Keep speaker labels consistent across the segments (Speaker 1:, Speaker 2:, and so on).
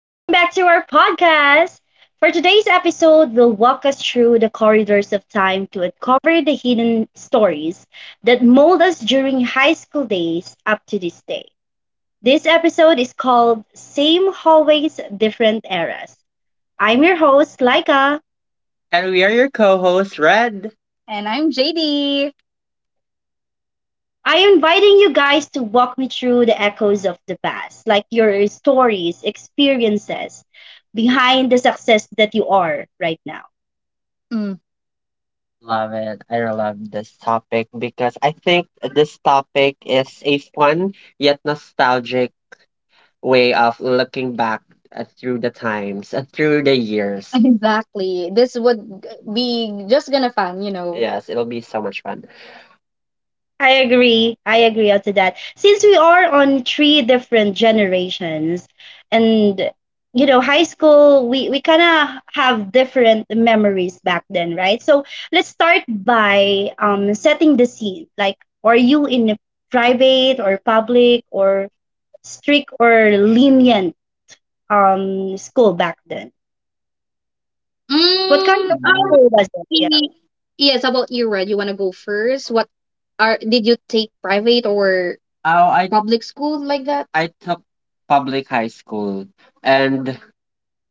Speaker 1: Welcome back to our podcast. For today's episode, we'll walk us through the corridors of time to uncover the hidden stories that mold us during high school days up to this day. This episode is called Same Hallways, Different Eras. I'm your host, Laika.
Speaker 2: And we are your co-host, Red. And I'm JD.
Speaker 1: I am inviting you guys to walk me through the echoes of the past, like your stories, experiences behind the success that you are right now.
Speaker 2: Mm. Love it. I love this topic because I think this topic is a fun yet nostalgic way of looking back through the times, through the years. Exactly. This would be just gonna fun, Yes, it'll be so much fun.
Speaker 1: I agree. I agree to that. Since we are on three different generations and high school, we kind of have different memories back then, right? So let's start by setting the scene. Like, are you in a private or public or strict or lenient school back then? What kind
Speaker 2: Mm,
Speaker 1: of
Speaker 2: I
Speaker 1: school was it? Yeah.
Speaker 2: Y- Yes, about you, Red. You want to go first? What are did you take private or. Oh, I public school like that? I took public high school and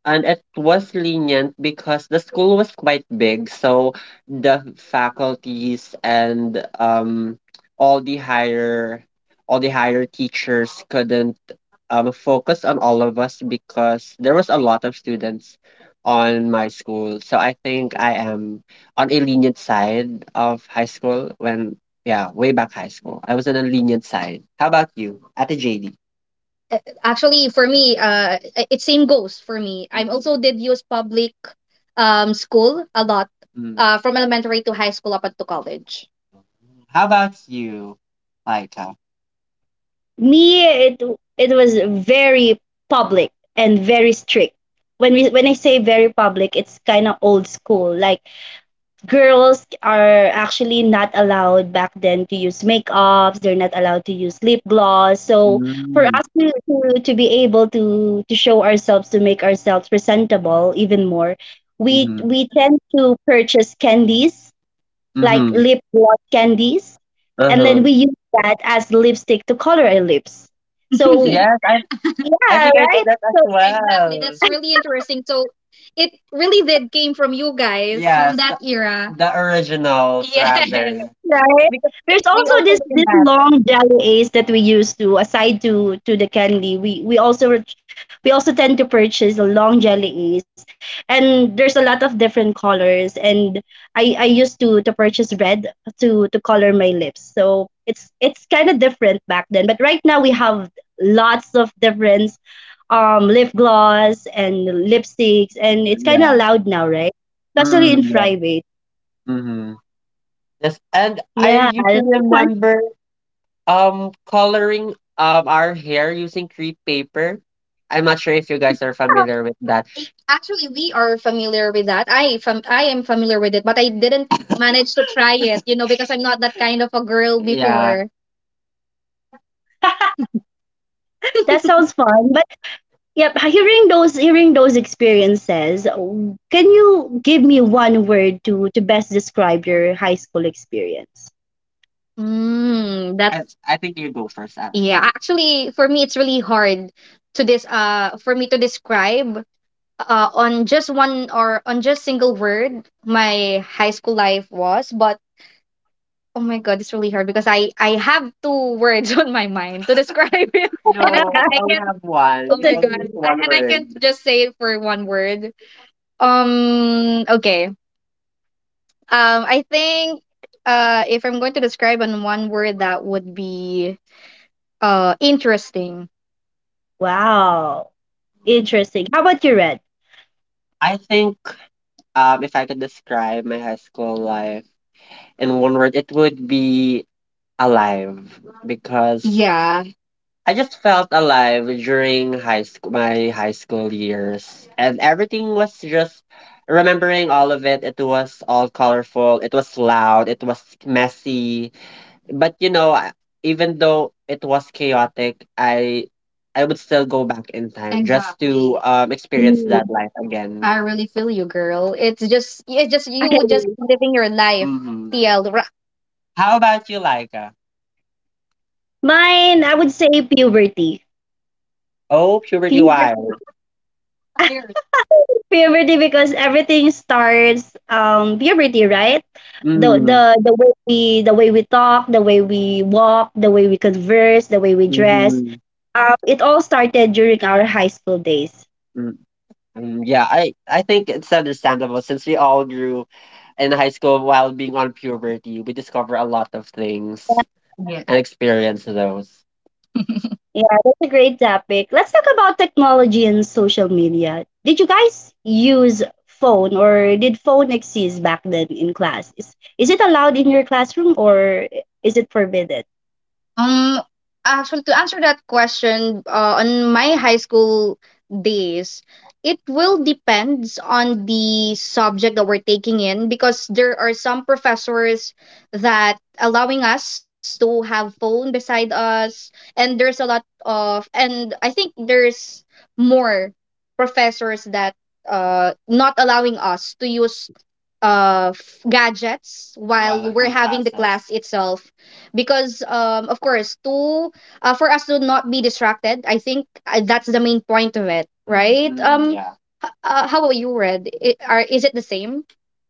Speaker 2: it was lenient because the school was quite big, so the faculties and all the higher teachers couldn't, focus on all of us because there was a lot of students on my school. So I think I am on a lenient side of high school when, yeah, way back high school. I was on a lenient side. How about you, Ate JD? Actually, for me, it same goes for me. I'm mm-hmm, also did use public school a lot, from elementary to high school up until college. How about you, Laika?
Speaker 1: Me, it was very public and very strict. When I say very public, it's kind of old school, like girls are actually not allowed back then to use makeups. They're not allowed to use lip gloss. So for
Speaker 2: Mm-hmm.
Speaker 1: us to be able to show ourselves, to make ourselves presentable even more, we
Speaker 2: Mm-hmm.
Speaker 1: we tend to purchase candies like
Speaker 2: Mm-hmm.
Speaker 1: lip gloss candies, and
Speaker 2: Uh-huh.
Speaker 1: then we use that as lipstick to color our lips. So
Speaker 2: Yes, I
Speaker 1: yeah,
Speaker 2: think I did
Speaker 1: right.
Speaker 2: that as
Speaker 1: So
Speaker 2: exactly well. That's really interesting. So it really did came from you guys from, yes, that the, era, the originals rather. Yes.
Speaker 1: right?
Speaker 2: Because
Speaker 1: There's
Speaker 2: we
Speaker 1: also
Speaker 2: also
Speaker 1: this
Speaker 2: learned that.
Speaker 1: long jelly ace that we use to aside to the candy. We also tend to purchase a long jelly ace, and there's a lot of different colors. And I used to purchase red to color my lips. So it's kind of different back then. But right now we have lots of different lip gloss and lipsticks, and it's kind of
Speaker 2: Yeah.
Speaker 1: allowed now, right? Especially
Speaker 2: Mm,
Speaker 1: in
Speaker 2: yeah.
Speaker 1: private.
Speaker 2: Mm-hmm. Yes, and I
Speaker 1: Yeah,
Speaker 2: used to
Speaker 1: that's fun.
Speaker 2: remember. Coloring, our hair using crepe paper. I'm not sure if you guys are familiar with that. Actually, we are familiar with that. I am familiar with it, but I didn't manage to try it, you know, because I'm not that kind of a girl. Yeah, before.
Speaker 1: That sounds fun. But yep, hearing those experiences, can you give me one word to best describe your high school experience?
Speaker 2: I think you go first, Anne. Yeah. Actually, for me, it's really hard to this for me to describe on just one or on just single word my high school life was, but oh my god, it's really hard because I have two words on my mind to describe it, and I, no, I we only can't have one. Oh,
Speaker 1: It's
Speaker 2: it's my only god, just
Speaker 1: okay.
Speaker 2: I, one and I can't word, just say it for one word. Okay. I think. If I'm going to describe in one word, that would be interesting.
Speaker 1: Wow. Interesting. How about you, Red?
Speaker 2: I think, if I could describe my high school life in one word, it would be alive because, yeah, I just felt alive during high school, my high school years, and everything was just remembering all of it. It was all colorful. It was loud. It was messy. But you know, even though it was chaotic, I would still go back in time just to exactly experience that
Speaker 1: Mm,
Speaker 2: life again. I really feel you, girl. It's just you just
Speaker 1: okay.
Speaker 2: living your life, hmm TL. Ra- How about you, Laika?
Speaker 1: Mine, I would say puberty.
Speaker 2: Oh, puberty
Speaker 1: Puberty,
Speaker 2: wild. Tired.
Speaker 1: puberty because everything starts puberty, right?
Speaker 2: Mm.
Speaker 1: The way we talk, the way we walk, the way we converse, the way we dress.
Speaker 2: Mhm,
Speaker 1: It all started during our high school days.
Speaker 2: mm, yeah, I think it's understandable since we all grew in high school while being on puberty, we discover a lot of things, yeah, and experience those.
Speaker 1: Yeah, that's a great topic. Let's talk about technology and social media. Did you guys use phone or did phone exist back then in class? Is it allowed in your classroom or is it forbidden?
Speaker 2: Um, Actually, to answer that question, on my high school days, it will depends on the subject that we're taking in because there are some professors that allowing us to have phone beside us, and there's a lot of, and I think there's more professors that not allowing us to use gadgets while we're in having the classes, class itself because of course to, for us to not be distracted. I think that's the main point of it, right? Mm, yeah. How about you, Red? I are is it the same?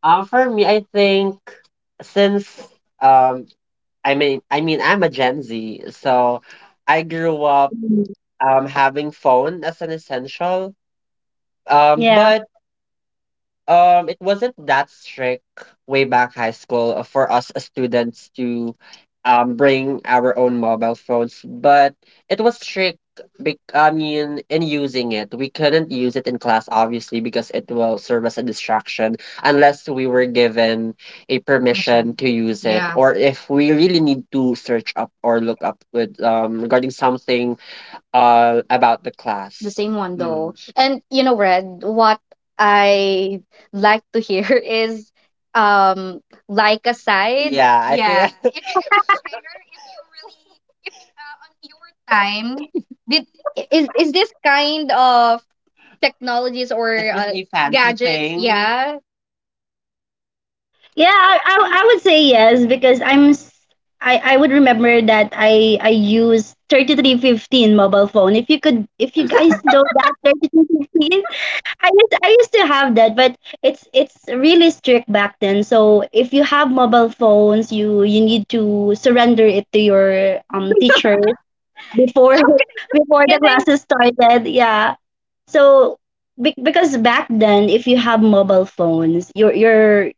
Speaker 2: For me, I think since, um, I mean, I'm a Gen Z, so I grew up
Speaker 1: Mhm.
Speaker 2: having phone as an essential.
Speaker 1: Yeah.
Speaker 2: But, it wasn't that strict way back high school for us as students to bring our own mobile phones, but it was strict bec I mean in using it. We couldn't use it in class obviously because it will serve as a distraction unless we were given a permission. Permission to use it. Yeah. Or if we really need to search up or look up with regarding something, about the class, same one Mm. though. Mm. And you know, Red, what I like to hear is, um like aside. Yeah, I, yeah, think. If you could just share if you really if, on your time did is this kind of technologies or is this, a fancy gadgets thing? Yeah.
Speaker 1: Yeah, I would say yes because I would remember that I used 3315 mobile phone. If you guys know that 3315. I used to have that, but it's really strict back then. So if you have mobile phones, you need to surrender it to your teacher before
Speaker 2: How
Speaker 1: before the
Speaker 2: can I?
Speaker 1: classes started. Yeah. So because back then, if you have mobile phones, you're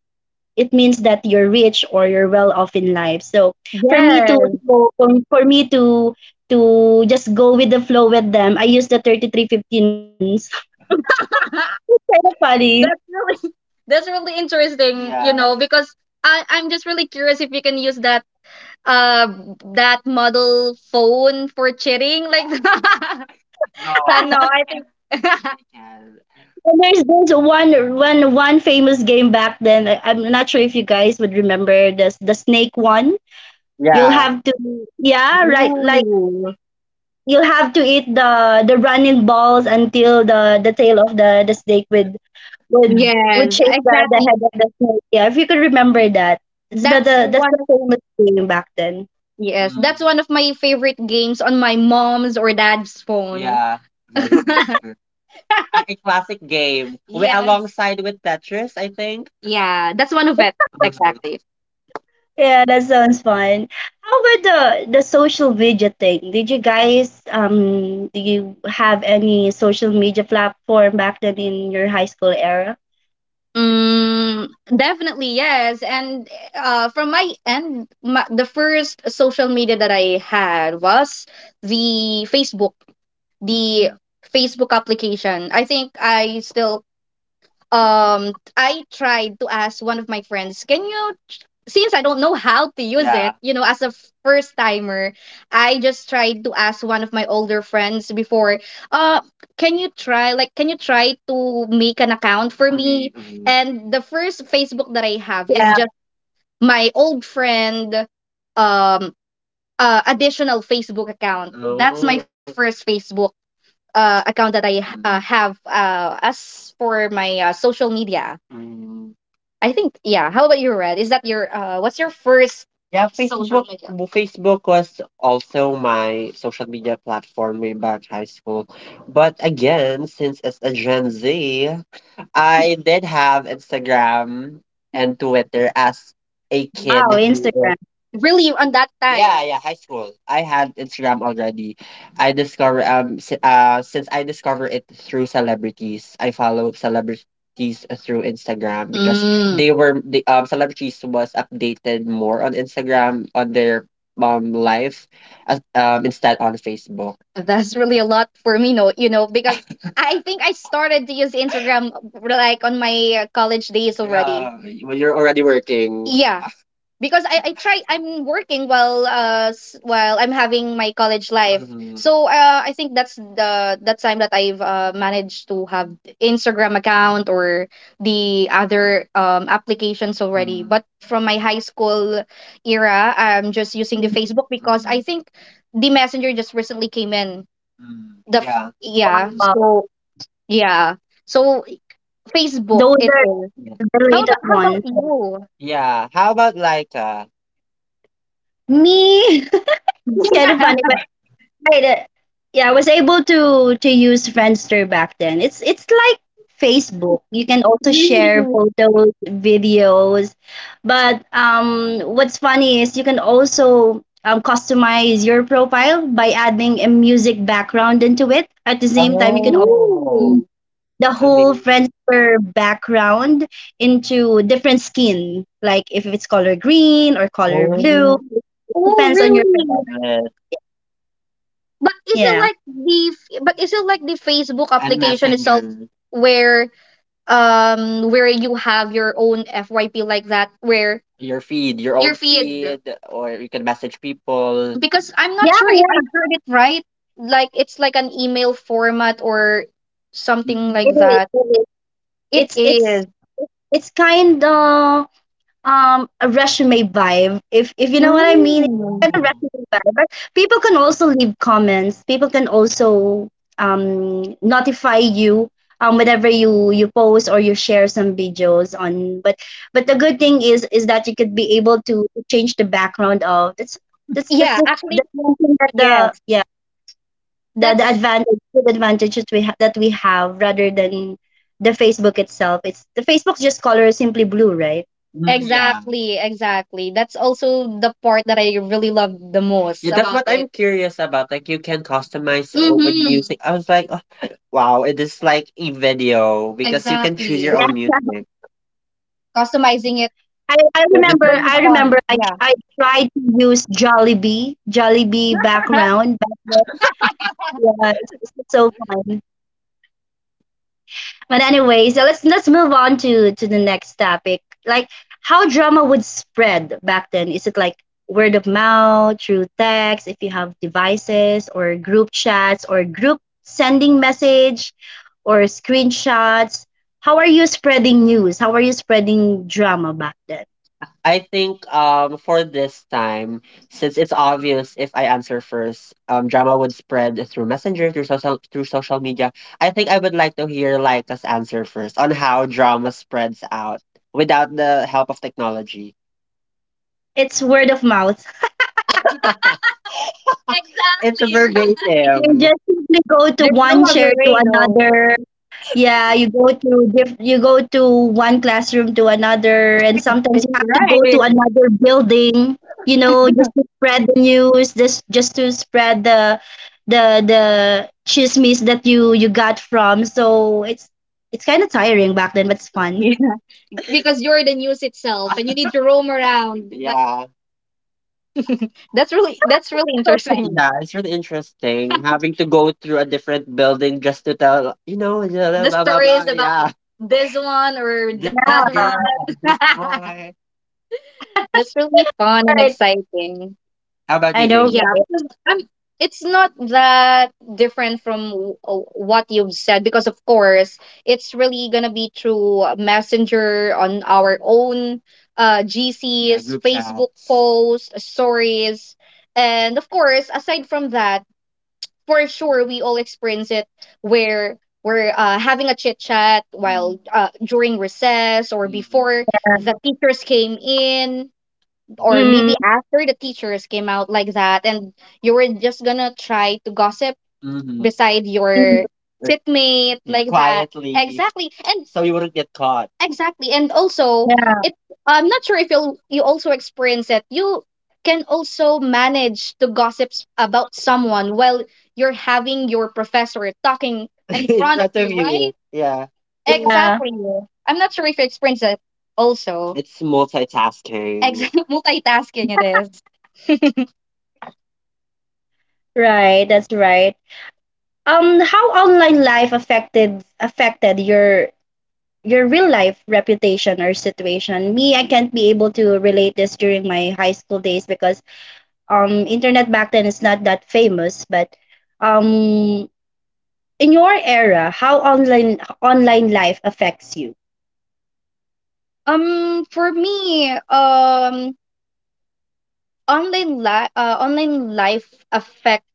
Speaker 1: it means that you're rich or you're well off in life. So for me to
Speaker 2: Yes.
Speaker 1: for, for me to just go with the flow with them, I used the 3315 once. Kind of funny.
Speaker 2: That's really that's really interesting, you, yeah, know, because I'm just really curious if you can use that, uh, that model phone for cheating, like no, no, I think.
Speaker 1: And there's this one famous game back then. I'm not sure if you guys would remember this the snake one. You'll
Speaker 2: Yes.
Speaker 1: have to yeah,
Speaker 2: Yeah.
Speaker 1: right like
Speaker 2: Ooh,
Speaker 1: you'll have to eat the running balls until the tail of the snake would would
Speaker 2: yes,
Speaker 1: chase the
Speaker 2: exactly.
Speaker 1: head of the snake. Yeah, if you could remember that. It's
Speaker 2: That's
Speaker 1: the that's
Speaker 2: one
Speaker 1: the
Speaker 2: of,
Speaker 1: famous game back then.
Speaker 2: yes, mm, that's mm, one of my favorite games on my mom's or dad's phone. Yeah. That is true. A classic game. We, yes, alongside with Tetris, I think. Yeah, that's one of it. Exactly.
Speaker 1: Yeah, that sounds fun. How about the social media thing? Did you guys do you have any social media platform back then in your high school era?
Speaker 2: Mm, definitely yes. And, from my end, ma the first social media that I had was the Facebook, the Facebook application. I think I still I tried to ask one of my friends, can you since I don't know how to use, yeah, it, you know, as a first timer, I just tried to ask one of my older friends before, uh, can you try like can you try to make an account for. For me. Me? Mhm. And the first Facebook that I have is
Speaker 1: Yeah,
Speaker 2: just my old friend um additional Facebook account. That's my. Oh. First Facebook account that I mm, have. As for my, social media, mm, I think yeah. How about you, Red? Is that your, what's your first. Yeah, social Facebook media. Facebook was also my social media platform way back high school. But again, since as a Gen Z, I did have Instagram and Twitter as a
Speaker 1: wow,
Speaker 2: kid who
Speaker 1: Instagram.
Speaker 2: is. Really, on that, yeah, time. Yeah, yeah, high school. I had Instagram already. I discover since I discovered it through celebrities. I follow celebrities through Instagram because, mm, they were the celebrities was updated more on Instagram on their life as, instead on Facebook. That's really a lot for me, no, you know, because I think I started to use Instagram like on my college days already. Yeah, when you're already working. Yeah, because I'm working while while I'm having my college life. Mhm. So I think that's the that time that I've, managed to have Instagram account or the other, applications already. Mhm. But from my high school era, I'm just using the Facebook because, mhm, I Mhm. think the Messenger just recently came in. Mm, Yeah. yeah,
Speaker 1: Wow,
Speaker 2: so yeah. So Facebook
Speaker 1: those
Speaker 2: it
Speaker 1: are
Speaker 2: is. Yeah.
Speaker 1: the latest
Speaker 2: How about
Speaker 1: ones.
Speaker 2: you? Yeah. How about Laika?
Speaker 1: Me, it's kind of funny, right. Yeah, I was able to use Friendster back then. It's like Facebook. You can also share
Speaker 2: Really?
Speaker 1: photos, videos, but what's funny is you can also customize your profile by adding a music background into it. At the same time, you can also
Speaker 2: Oh,
Speaker 1: change
Speaker 2: ooh.
Speaker 1: the
Speaker 2: I
Speaker 1: whole
Speaker 2: mean,
Speaker 1: Friendster background into different skin, like if it's color green or color blue.
Speaker 2: oh, oh,
Speaker 1: Depends on your.
Speaker 2: really? Yes, but is it
Speaker 1: Yeah.
Speaker 2: like the Facebook a application itself messenger, where you have your own FYP like that where. Your feed, your own feed feed, or you can message people, because I'm
Speaker 1: Yeah,
Speaker 2: not sure if I heard it right like it's like an email format or something, mm, like
Speaker 1: it
Speaker 2: that.
Speaker 1: is.
Speaker 2: It
Speaker 1: it's it's
Speaker 2: is.
Speaker 1: it's kind of a resume vibe if you know
Speaker 2: Mm.
Speaker 1: what I mean. It's kind of
Speaker 2: Oh.
Speaker 1: resume vibe, but people can also leave comments. People can also notify you whenever you post or you share some videos on, but the good thing is that you could be able to change the background of. that's that's that's
Speaker 2: Yeah,
Speaker 1: the,
Speaker 2: actually
Speaker 1: the one thing that
Speaker 2: yes.
Speaker 1: the
Speaker 2: That's
Speaker 1: the advantage that we have rather than the Facebook itself. It's the Facebook's just color is simply blue, right?
Speaker 2: mm, yeah. Exactly, exactly. That's also the part that I really love the most. Yeah, that's about what it, I'm curious about. Like you can customize, with mm-hmm, music. I was like, oh, wow, it is like a video because you can choose your exactly own
Speaker 1: Yeah.
Speaker 2: music, customizing it,
Speaker 1: I, I
Speaker 2: it's
Speaker 1: remember
Speaker 2: different very
Speaker 1: I
Speaker 2: songs, fun,
Speaker 1: remember
Speaker 2: colors.
Speaker 1: I
Speaker 2: Yeah.
Speaker 1: I tried to use Jollibee background back then. Yeah, it's so fun. But anyway, so let's move on to the next topic. Like how drama would spread back then. Is it like word of mouth, through text, if you have devices or group chats or group sending message or screenshots? How are you spreading news? How are you spreading drama back then?
Speaker 2: I think for this time, since it's obvious if I answer first, drama would spread through messenger, through social media. I think I would like to hear Laika's answer first on how drama spreads out without the help of technology.
Speaker 1: It's word of mouth.
Speaker 2: It's exactly, right,
Speaker 1: You
Speaker 2: verbatim.
Speaker 1: just simply go to
Speaker 2: There's no
Speaker 1: one
Speaker 2: other
Speaker 1: chair to
Speaker 2: way though.
Speaker 1: another. Yeah, you go to one classroom to another, and sometimes
Speaker 2: It's
Speaker 1: you have to go to
Speaker 2: right.
Speaker 1: another building. Just to spread the news, just to spread the chismes that you got from. So it's kind of tiring back then, but it's fun.
Speaker 2: Because you're the news itself and you need to roam around. But yeah. That's really
Speaker 1: So,
Speaker 2: interesting. Yeah, it's really interesting having to go through a different building just to tell, you know, blah, blah, the blah, blah, stories blah, about yeah, this one or this that girl,
Speaker 1: yeah,
Speaker 2: this one. Boy. That's really fun and
Speaker 1: right.
Speaker 2: exciting. How about you,
Speaker 1: I
Speaker 2: JD?
Speaker 1: know.
Speaker 2: Yeah, because, it's not that different from what you've said because of course it's really gonna be through Messenger on our own yeah, GCs, group Facebook chats. Posts, stories, and of course aside from that, for sure we all experience it where we're having a chit chat while during recess or before the teachers came in, or
Speaker 1: Mm,
Speaker 2: maybe after the teachers came out like that. And you were just gonna try to gossip. Mm-hmm. Beside
Speaker 1: mm,
Speaker 2: your, like, sitmate like that. Quietly. Exactly. And so you wouldn't get caught. Exactly. And also
Speaker 1: yeah,
Speaker 2: it, I'm not sure if you also experience it, you can also manage to about someone while you're having your professor talking in front of you, right you. Yeah.
Speaker 1: yeah,
Speaker 2: Exactly. I'm not sure if you experience it also. It's multitasking. Exactly, multitasking it is.
Speaker 1: right. That's right. How online life affected your real life reputation or situation. Me, I can't be able to relate this during my high school days because internet back then is not that famous. But um in your era, how online life affects you?
Speaker 2: For me, online life affects.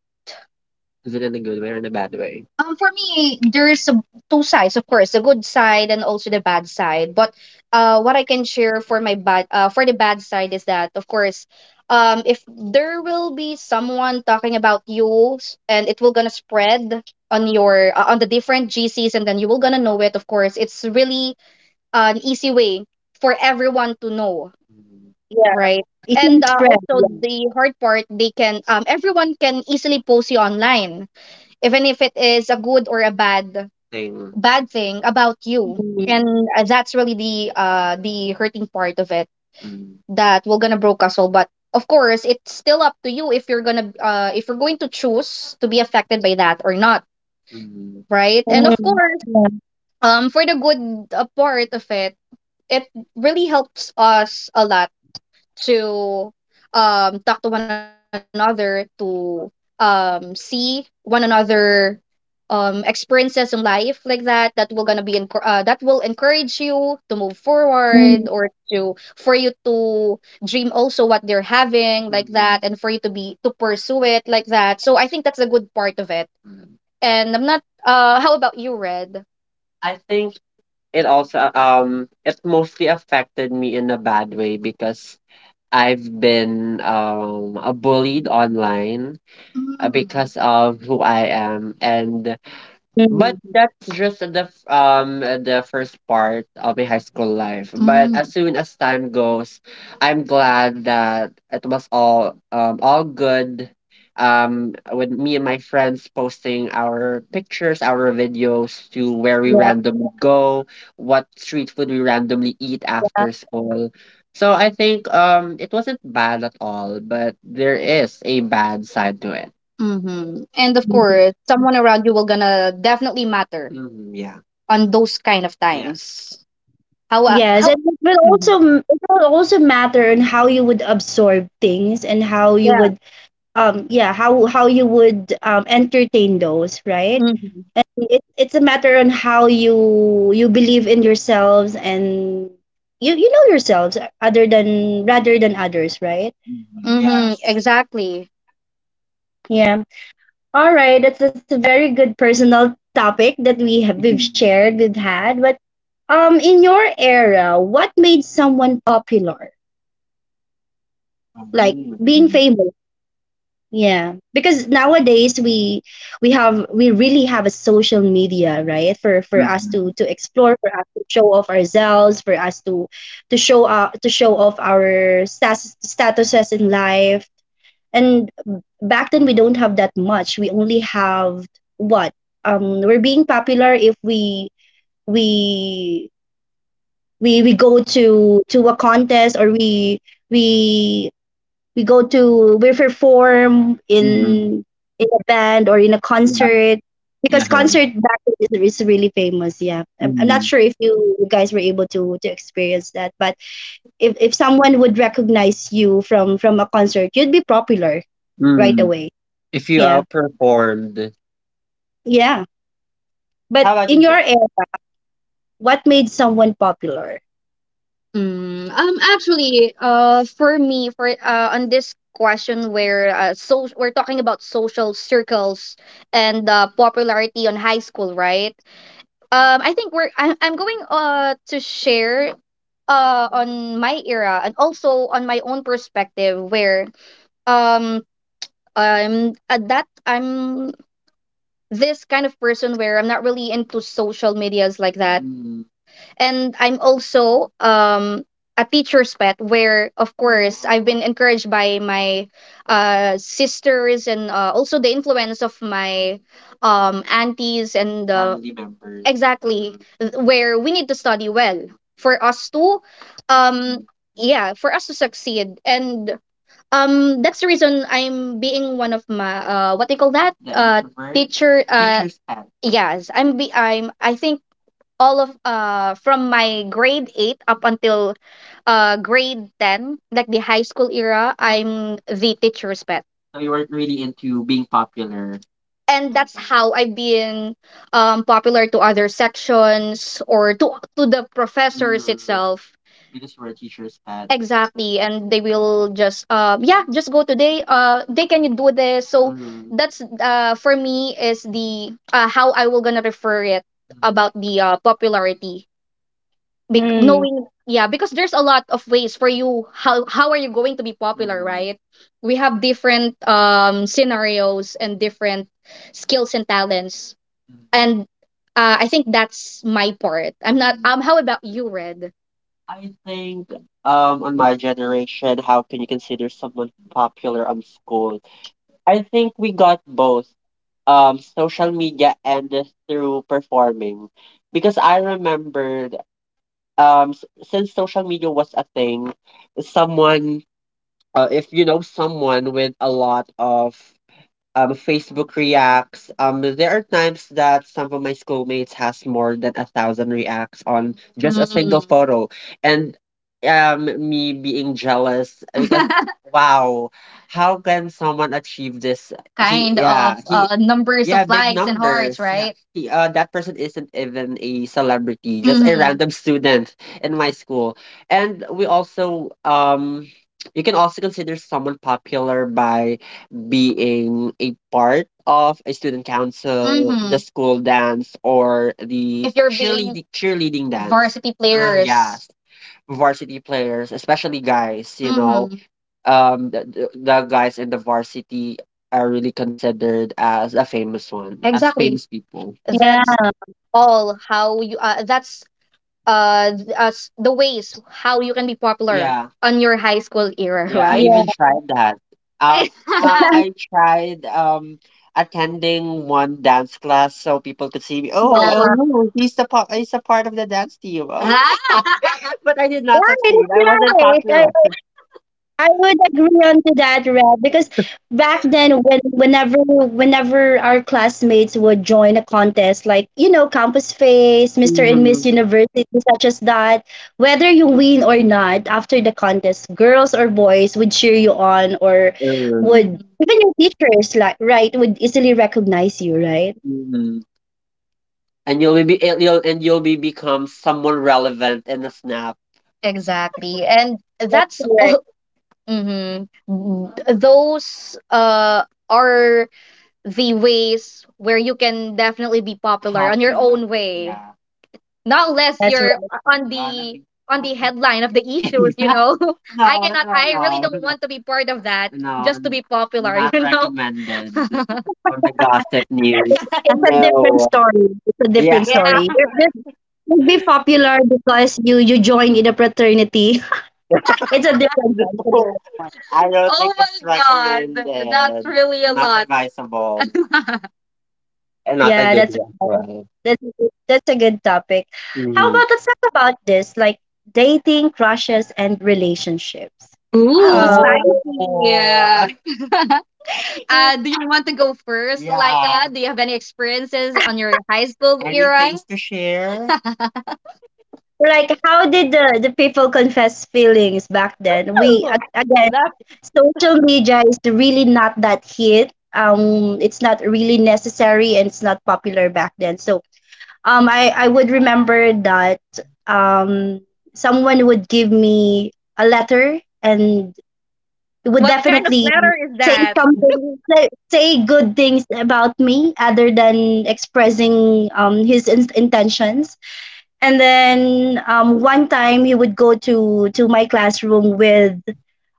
Speaker 2: Is it in a good way or in a bad way? For me, two sides, of course, the good side and also the bad side. But what I can share for my bad for the bad side is that, of course, if there will be someone talking about you and it will gonna spread on your on the different G C's and then you will gonna know it. Of course, it's really an easy way for everyone to know. Mm.
Speaker 1: Yeah,
Speaker 2: Right.
Speaker 1: it can
Speaker 2: And
Speaker 1: spread.
Speaker 2: also
Speaker 1: Yeah.
Speaker 2: the hard part, they can everyone can easily post you online even if it is a good or a bad thing. Bad thing about you.
Speaker 1: Mm,
Speaker 2: And that's really the the hurting part of it. Mm. That we're gonna broke us all. But of course, it's still up to you if you're gonna if you're going to choose to be affected by that or not, Mm, right? And of
Speaker 1: mm,
Speaker 2: course,
Speaker 1: yeah.
Speaker 2: for the good part of it, it really helps us a lot to talk to one another, to see one another experiences in life like that, that will gonna that will encourage you to move
Speaker 1: Mm,
Speaker 2: forward, or to for you to dream also what they're having like, Mm-hmm, that, and for you to be to pursue it like that. So I think that's the good part of it. And I'm not how about you, Red? I think it also, it mostly affected me in a bad way because I've been bullied online, Mm, because of who I am. And but
Speaker 1: mm,
Speaker 2: that's just the first part of my high school life. But Mm, as soon as time goes, I'm glad that it was all good. With me and my friends posting our pictures, our videos to where we
Speaker 1: yeah.
Speaker 2: randomly go, what street food we randomly eat after school. So I think it wasn't bad at all, but there is a bad side to it. Mm-hmm. And of
Speaker 1: Mm.
Speaker 2: course, someone around you will gonna definitely matter. Mm, yeah. On those kind of, yeah, times. How
Speaker 1: Yes,
Speaker 2: how?
Speaker 1: and
Speaker 2: Mm-hmm.
Speaker 1: it will also matter on how you would absorb things, and how you
Speaker 2: Yeah.
Speaker 1: would entertain those, right?
Speaker 2: Mm-hmm.
Speaker 1: And it's a matter on how you believe in yourselves, and you know yourselves other than rather than others, right?
Speaker 2: Mm, mm-hmm, yes. Exactly.
Speaker 1: Yeah. All right, that's a very good personal topic that we have we've
Speaker 2: Mhm.
Speaker 1: shared we've had. But in your era, what made someone popular, like being
Speaker 2: Mhm.
Speaker 1: famous? Yeah, because nowadays we really have a social media, right? For us to
Speaker 2: Mhm.
Speaker 1: explore, for us to show off ourselves, for us to show off our statuses in life. And back then we don't have that much. We only have what? We're being popular if we we go to a contest, or we we go to we perform
Speaker 2: Mhm.
Speaker 1: in a band or in a
Speaker 2: Yeah.
Speaker 1: concert, because
Speaker 2: Yeah.
Speaker 1: concert back then is really famous. Yeah, I'm not
Speaker 2: Mhm.
Speaker 1: sure if you guys were able to experience that, but if someone would recognize you from a concert, you'd be popular right
Speaker 2: Mm.
Speaker 1: away.
Speaker 2: If you
Speaker 1: Yeah.
Speaker 2: outperformed,
Speaker 1: Yeah, but
Speaker 2: how about
Speaker 1: in
Speaker 2: you?
Speaker 1: your era, what made someone popular?
Speaker 2: Mm, actually, for me, for on this question where so we're talking about social circles and popularity on high school, right? I think I'm going to share on my era and also on my own perspective where um I'm at that I'm this kind of person where I'm not really into social medias like that. And I'm also a teacher's pet, where of course I've been encouraged by my sisters and also the influence of my aunties and family members. Exactly. Where we need to study well for us to um yeah, for us to succeed. And that's the reason I'm being one of my what do you call that. The introvert. Teacher teacher's pet. Yes, I'm be I'm I think all of from my grade 8 up until grade 10, like the high school era, I'm the teacher's pet. So you weren't really into being popular. And that's how I've been popular to other sections or to the professors, Mm, itself. Because you were a teacher's pet. Exactly. And they will just yeah, just go today. Uh, they can, you do this? So Mm, that's for me is the how I will gonna refer it, mm, about the popularity. Bec
Speaker 1: Mm.
Speaker 2: knowing, yeah, because there's a lot of ways for you how are you going to be popular, Mm, right? We have different scenarios and different skills and talents. And I think that's my part. I'm not How about you, Red? I think on my generation, how can you consider someone popular on school? I think we got both social media and this through performing. Because I remembered since social media was a thing, someone if you know someone with a lot of Facebook reacts. There are times that some of my schoolmates has more than a thousand reacts on just a single, Mm, photo, and me being jealous because wow, how can someone achieve this? He kind, yeah, of he, numbers, yeah, of big likes and hearts, numbers, yeah, right? He that person isn't even a celebrity, just a, Mm-hmm, random student in my school. And we also you can also consider someone popular by being a part of a student council, the, Mhm, school dance, or the if you're being cheerleading, cheerleading dance, varsity, uh, players. Yes, varsity players, especially guys, you know, Mm-hmm, the guys in the varsity are really considered as a famous one, as, Exactly, famous people.
Speaker 1: Yeah,
Speaker 2: That's all how you, that's the ways how you can be popular, Yeah, on your high school era, Yeah, I right?
Speaker 1: yeah,
Speaker 2: even tried that. Um, um,
Speaker 1: yeah,
Speaker 2: I tried attending one dance class so people could see me. Oh, oh,
Speaker 1: yeah,
Speaker 2: oh, oh, he's the part. He's a part of the dance team. Oh, but I did not succeed. I wasn't
Speaker 1: that's
Speaker 2: popular.
Speaker 1: right. I would agree onto that, Red, because back then, whenever our classmates would join a contest, like Campus Face, Mr. and
Speaker 2: Hmm.
Speaker 1: Miss University, such as that, whether you win or not, after the contest, girls or boys would cheer you on, or
Speaker 2: Mhm.
Speaker 1: would even your teachers, like right, would easily recognize you, right?
Speaker 2: And you'll be become someone relevant in a snap. Exactly. And that's all,
Speaker 1: Correct.
Speaker 2: Mm-hmm. Those are the ways where you can definitely be popular on your, Popular, own way. Yeah. Not unless
Speaker 1: That's right.
Speaker 2: you're on the be on the headline of the issues, you know. I, No, cannot, no, I really, no, don't want to be part of that, No, just to be popular, not you know, recommended on the gossip news.
Speaker 1: It's a different
Speaker 2: No.
Speaker 1: story. It's a
Speaker 2: Yeah.
Speaker 1: different story.
Speaker 2: Yeah.
Speaker 1: Would be popular because you join in a fraternity. It's a different one. It's a
Speaker 2: No.
Speaker 1: different one.
Speaker 2: I don't think, Oh it's my god, that's recommended, really a, Not, lot, advisable. And not a
Speaker 1: Yeah,
Speaker 2: good
Speaker 1: that's right.
Speaker 2: one.
Speaker 1: That's a good topic. How
Speaker 2: Right.
Speaker 1: about let's talk about this, like dating, crushes, and relationships.
Speaker 2: Ooh,
Speaker 1: Oh,
Speaker 2: spicy. Oh. Spicy. Do you want to go first, Yeah, Laika? Do you have any experiences on your high school, Any, era? Things to share?
Speaker 1: like how did the people confess feelings back then? We
Speaker 2: Ooh,
Speaker 1: again,
Speaker 2: that,
Speaker 1: social media is really not that hit. It's not really necessary, and it's not popular back then. So, I would remember that um someone would give me a letter and would
Speaker 2: what kind of
Speaker 1: definitely
Speaker 2: letter is
Speaker 1: say
Speaker 2: that?
Speaker 1: say good things about me, other than expressing his intentions. And then one time he would go to my classroom with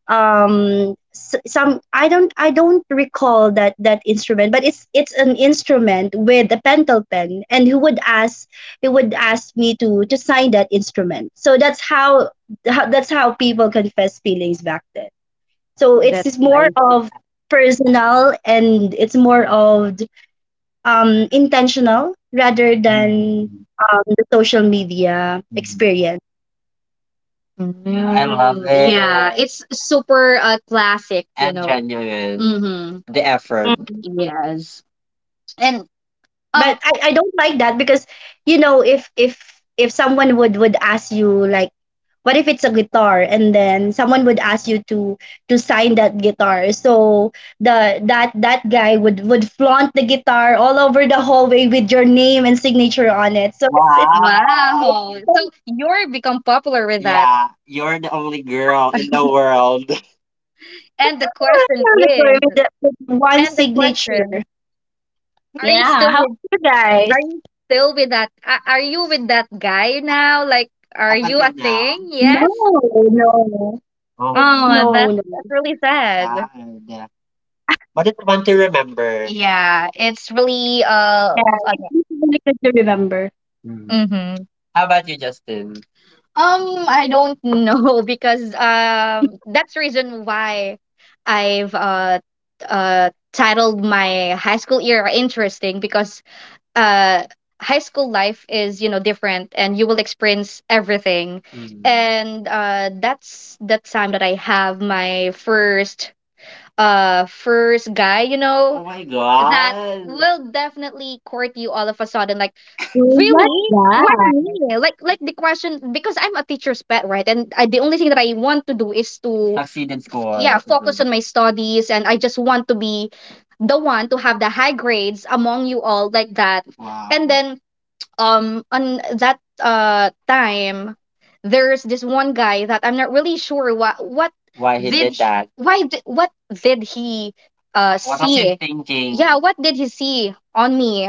Speaker 1: some. I don't recall that instrument, but it's an instrument with a pentel pen, and he would ask me to sign that instrument. So that's how that's how people confess feelings back then. So
Speaker 2: That's
Speaker 1: it's more
Speaker 2: nice.
Speaker 1: of personal, and it's more of intentional rather than the social media
Speaker 2: I
Speaker 1: experience.
Speaker 2: love, Mm, yeah, it. It's super classic, you, And, know, genuine. Mm-hmm. The effort.
Speaker 1: Mm.
Speaker 2: Yes. And um
Speaker 1: But I don't like that because you know if someone would ask you like what if it's a guitar and then someone would ask you to sign that guitar so the that that guy would flaunt the guitar all over the hallway with your name and signature on it so it's
Speaker 2: Wow.
Speaker 1: it's
Speaker 2: Wow.
Speaker 1: like
Speaker 2: So you're become popular with that. Yeah, you're the only girl in the world. And the question
Speaker 1: Category
Speaker 2: is,
Speaker 1: with one
Speaker 2: and the
Speaker 1: signature.
Speaker 2: question, are you
Speaker 1: Yeah.
Speaker 2: still
Speaker 1: How about
Speaker 2: with,
Speaker 1: you guys?
Speaker 2: are you still with that, are you with that guy now? Like, are, Up, you, until, a, now, thing?
Speaker 1: No,
Speaker 2: Yes.
Speaker 1: no, no,
Speaker 2: Oh, Oh,
Speaker 1: no.
Speaker 2: that's really sad. Sad. But it's fun to remember. Yeah, it's really uh,
Speaker 1: Yeah, it's really good to remember.
Speaker 2: Mhm. Mhm. How about you, Justin? I don't know because that's the reason why I've titled my high school year interesting, because uh high school life is, you know, different and you will experience everything, Mhm, and that's the time that I have my first guy, you know, Oh my, that, God, will definitely court you all of a sudden like,
Speaker 1: Oh, what?
Speaker 2: Really?
Speaker 1: Yeah,
Speaker 2: Why me? Like the question, because I'm a teacher's pet, right? And I, the only thing that I want to do is to, Succeed in school, yeah, Mhm, focus on my studies, and I just want to be the one to have the high grades among you all like that. Wow. And then on that time there's this one guy that I'm not really sure what Why he did he, that? Why what did he What was he see thinking? Yeah, what did he see on me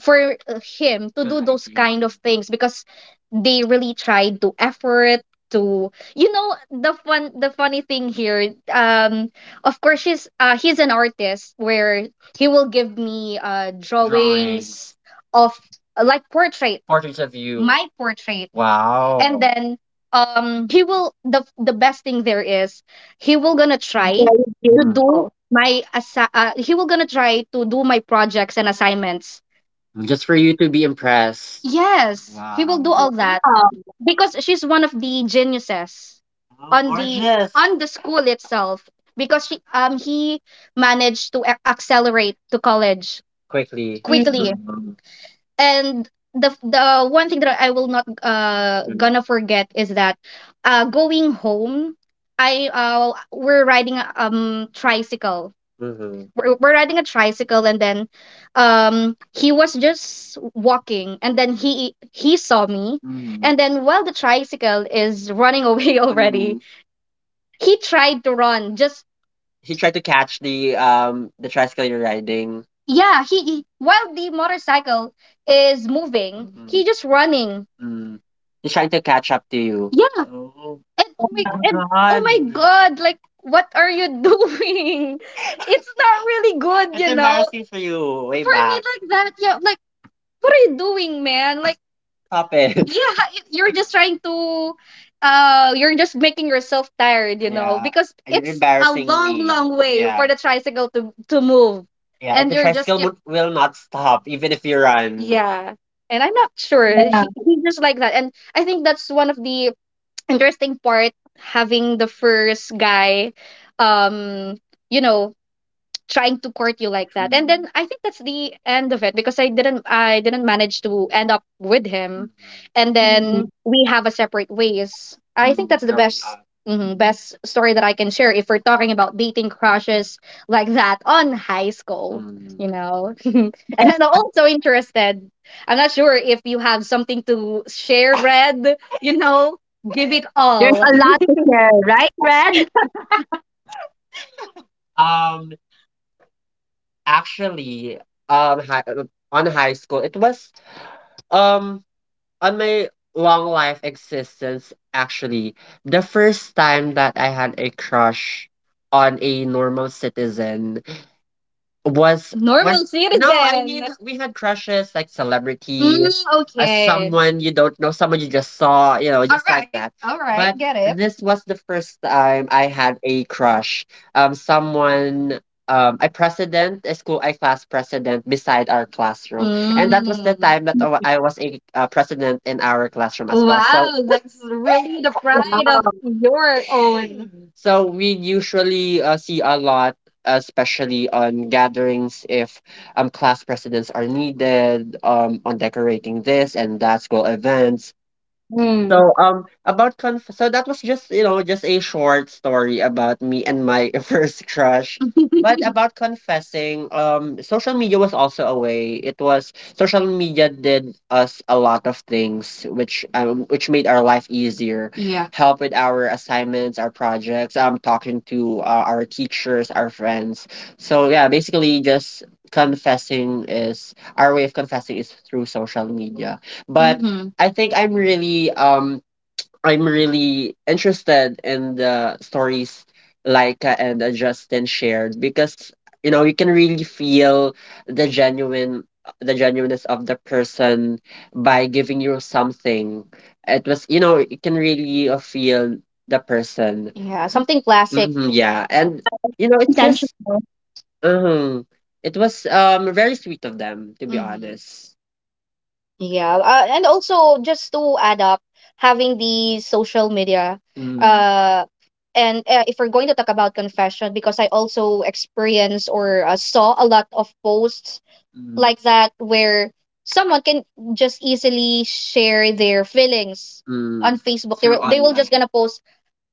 Speaker 2: for him to, Mm, do those see, kind of things, because they really tried to effort to, you know, the funny thing here, of course she's he's an artist where he will give me drawings. Drawings. Of like portrait, Portraits of you, my portrait. Wow. And then he will the best thing there is he will gonna try to,
Speaker 1: very
Speaker 2: Mm,
Speaker 1: beautiful.
Speaker 2: He will gonna try to do my projects and assignments. Just for you to be impressed. Yes, he will do, wow, all that
Speaker 1: Wow.
Speaker 2: because she's one of the geniuses, oh, on the, gorgeous, on the school itself because she he managed to accelerate to college quickly.
Speaker 1: Mm,
Speaker 2: quickly And the one thing that I will not gonna forget is that going home, I we're riding a tricycle. Mm-hmm. We're riding a tricycle, and then he was just walking, and then he saw me, and then while the tricycle is running away already. Mm. he tried to run just he tried to catch the the tricycle you're riding. Yeah, while the motorcycle is moving, mm, he just running. Mm. He's trying to catch up to you. Yeah, oh, and oh God, my god, like what are you doing? It's not really good, It's you know. Embarrassing for you way for me back, like that, yeah, like what are you doing, man? Like happens. Yeah, you're just trying to you're just making yourself tired, yeah, because, and it's a long, embarrassingly long way, yeah, for the tricycle to move. Yeah, and the, you're just tricycle, will not stop even if you run, yeah, and I'm not sure,
Speaker 1: yeah.
Speaker 2: he's just like that, and I think that's one of the interesting part, having the first guy, um you know trying to court you like that. And then I think that's the end of it, because I didn't manage to end up with him, mhm, and then
Speaker 1: Mm.
Speaker 2: we have a separate ways. I think, mm, that's the best mhm, best story that I can share if we're talking about dating crushes like that on high school. And I'm also interested. I'm not sure if you have something to share, Red. Give it
Speaker 1: There's
Speaker 2: all.
Speaker 1: a lot to share, right, Red?
Speaker 2: Um, Actually, hi, on high school, it was, Um, on my long life existence, actually, the first time that I had a crush on a normal citizen was normalcy na, no, I mean we had crushes like, mm, celebrities, okay, someone you don't know, someone you just saw, just like, right, that. All right. But, get it, this was the first time I had a crush. Someone, a president, a school, a class president beside our classroom, and that was the, mm, time that I was a, president in our classroom as well. So, wow, so that's really the pride of
Speaker 1: Wow.
Speaker 2: your own. So we usually see a lot, especially on gatherings if class presidents are needed, on decorating this and that, school events.
Speaker 1: Mm.
Speaker 2: So about conf so that was just you know just a short story about me and my first crush. But about confessing, social media was also a way. It was Social media did us a lot of things which made our life easier, yeah. Help with our assignments, our projects, talking to our teachers, our friends. So yeah, basically just confessing is our way of confessing is through social media. But, mm-hmm, I think I'm really interested in the stories Laika and, Justin shared because you know you can really feel the genuine the genuineness of the person by giving you something. It was, you know, you can really feel the person. Yeah, something classic. Hmm, yeah, and it's just
Speaker 1: Intentional.
Speaker 2: uh it was very sweet of them to be, honest. Yeah, and also just to add up, having the social media, mm, and if we're going to talk about confession, because I also experienced or, saw a lot of posts, mm, like that where someone can just easily share their feelings on, mm, Facebook. They, Through will, they will just online, gonna post,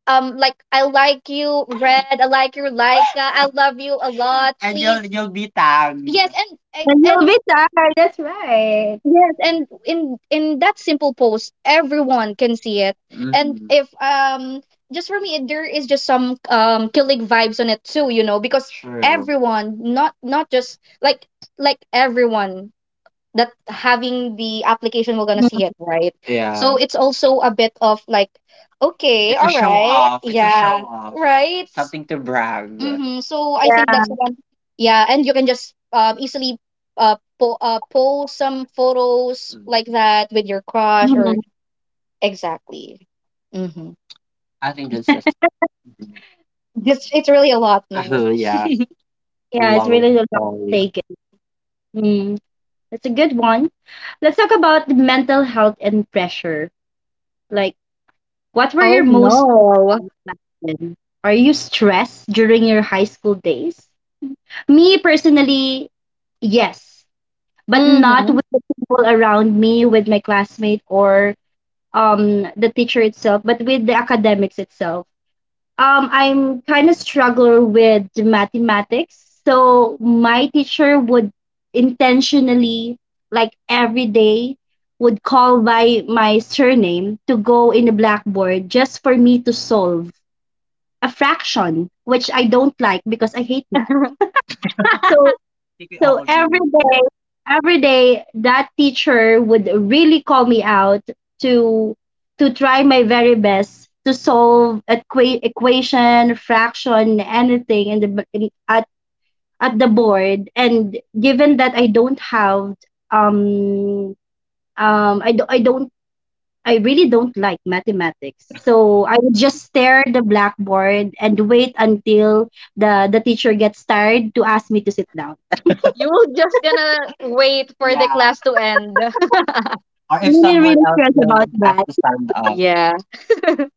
Speaker 2: like, I like you, Red. I like you, Laika. I love you a lot. And you'll be tagged. Yes, and and
Speaker 1: And no
Speaker 2: and
Speaker 1: guitar, that's right.
Speaker 2: yes, and in that simple post, everyone can see it. And, mm-hmm, if, just for me, there is just some, killing vibes on it too, you know, because, true, everyone, not just like, everyone that having the application we're gonna
Speaker 1: Mm.
Speaker 2: see it, right? Yeah. So it's also a bit of like, okay, it's a, all show, right, off. It's a, yeah, show off, right. It's, something to brag, mm-hmm. So I think
Speaker 1: Yeah.
Speaker 2: that's one. Yeah, and you can just easily po post some photos, mm, like that with your crush, mm, or, mm,
Speaker 1: Mm.
Speaker 2: exactly. Mm-hmm. I think that's just, it's really a lot, no. Oh, yeah, a
Speaker 1: Yeah, it's
Speaker 2: long
Speaker 1: really a lot to
Speaker 2: story.
Speaker 1: take in. Mm. That's a good one. Let's talk about the mental health and pressure. Like, what were your
Speaker 2: Oh
Speaker 1: most stressed
Speaker 2: no.
Speaker 1: out back then? Are you stressed during your high school days? Me personally, yes, but not
Speaker 2: Mm-hmm.
Speaker 1: with the people around me, with my classmate or the teacher itself, but with the academics itself. I'm kind of struggle with mathematics. So my teacher would intentionally, like every day, would call by my surname to go in the blackboard just for me to solve a fraction, which I don't like because I hate
Speaker 2: I
Speaker 1: math. So
Speaker 2: think we
Speaker 1: so
Speaker 2: all
Speaker 1: every
Speaker 2: do.
Speaker 1: day, that teacher would really call me out to try my very best to solve equation, fraction, anything in at the board. And given that I don't have um I I don't I really don't like mathematics. So I would just stare at the blackboard and wait until the teacher gets tired to ask me to sit down.
Speaker 2: You were just gonna wait for the, yeah, class to end. Or if
Speaker 1: I'm really,
Speaker 2: someone
Speaker 1: really
Speaker 2: else
Speaker 1: stressed
Speaker 2: will
Speaker 1: about
Speaker 2: have
Speaker 1: that.
Speaker 2: to stand up. Yeah.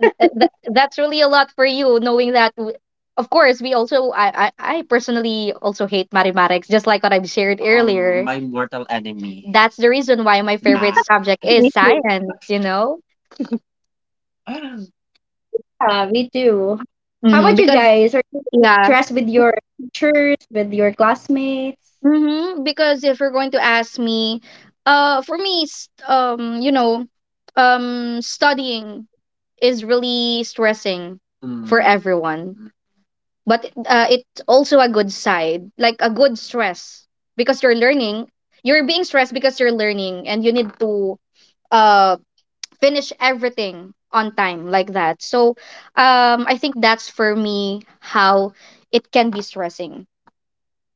Speaker 2: That's really a lot for you, knowing that. Of course, we also I personally also hate mathematics, just like what I've shared, earlier. My mortal enemy. That's the reason why my favorite, math, subject
Speaker 1: Me
Speaker 2: is
Speaker 1: too.
Speaker 2: science. You know.
Speaker 1: Yeah, me too. How
Speaker 2: Mm-hmm,
Speaker 1: about you
Speaker 2: because
Speaker 1: guys? Are you
Speaker 2: yeah,
Speaker 1: stressed with your teachers, with your classmates?
Speaker 2: mm-hmm, because if you're going to ask me, for me, you know, studying is really stressing for, mm, everyone. But it's also a good side, like a good stress, because you're learning. You're being stressed because you're learning, and you need to uh finish everything on time like that. So, I think that's for me how it can be stressing.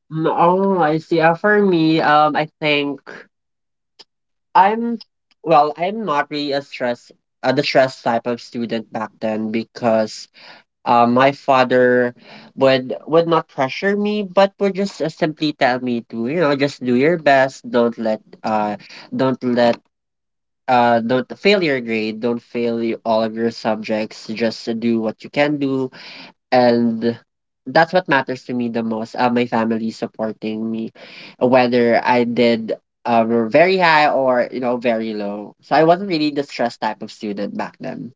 Speaker 2: Mm. Oh, I see. For me, I think I'm, well, I'm not really a stress, the stress type of student back then, because my father would not pressure me, but would just simply tell me to, just do your best. Don't let don't fail your grade. Don't fail all of your subjects. Just do what you can do, and that's what matters to me the most. My family supporting me, whether I did. Very high or, you know, very low, so I wasn't really the stressed type of student back then.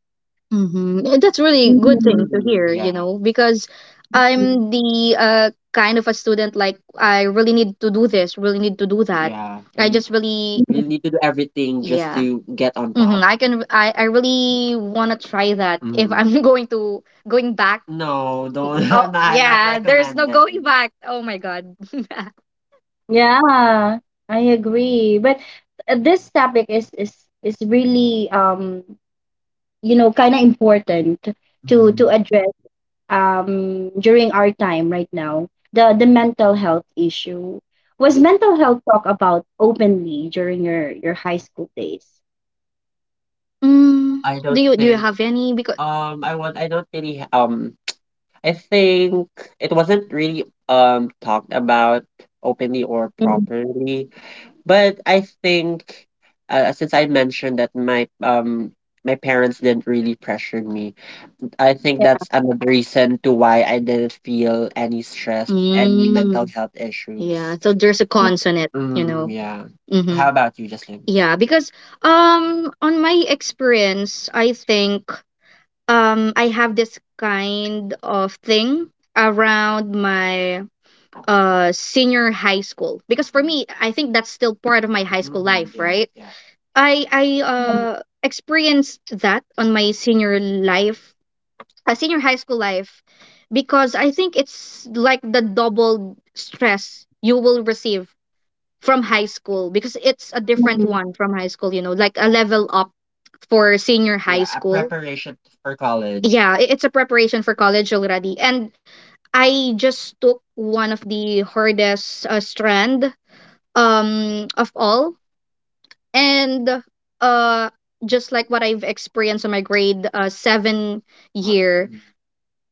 Speaker 2: Mm-hmm. That's really good thing to,
Speaker 1: Mhm.
Speaker 2: mm, hear, you, yeah, know, because I'm the, kind of a student like I really need to do this, really need to do that. Yeah. I, and just really, we need to do everything just, yeah, to get on, mm-hmm, top. I really want to try that if, mm, I'm going to, going back. No, don't. Oh, not yeah, there's no recommended going back. Oh my God.
Speaker 1: Yeah, I agree. But this topic is is really you know kind of important to
Speaker 2: Mm.
Speaker 1: address during our time right now. The mental health issue. Was mental health talk about openly during your high school days?
Speaker 2: Mm, I do don't do you think have any? Because, I don't really, I think it wasn't really talked about openly or properly, but I think since I mentioned that my parents didn't really pressure me, I think that's another reason to why I didn't feel any stress, any mental, mm, health issues, yeah. So there's a
Speaker 1: Mhm,
Speaker 2: cons on it, you, mm, know, yeah. Mm-hmm. How about you, Jocelyn? Yeah, because on my experience, I think I have this kind of thing around my senior high school because for me I think that's still part of my high school life, right? I experienced that on my senior life, senior high school life, because I think it's like the double stress you will receive from high school, because it's a different
Speaker 1: mhm.
Speaker 2: one from high school, you know, like a level up for senior high, yeah, a school, preparation for college. Yeah, it's a preparation for college already. And I just took one of the hardest, strand, of all, and uh just like what I've experienced on my grade, 7, year, mm,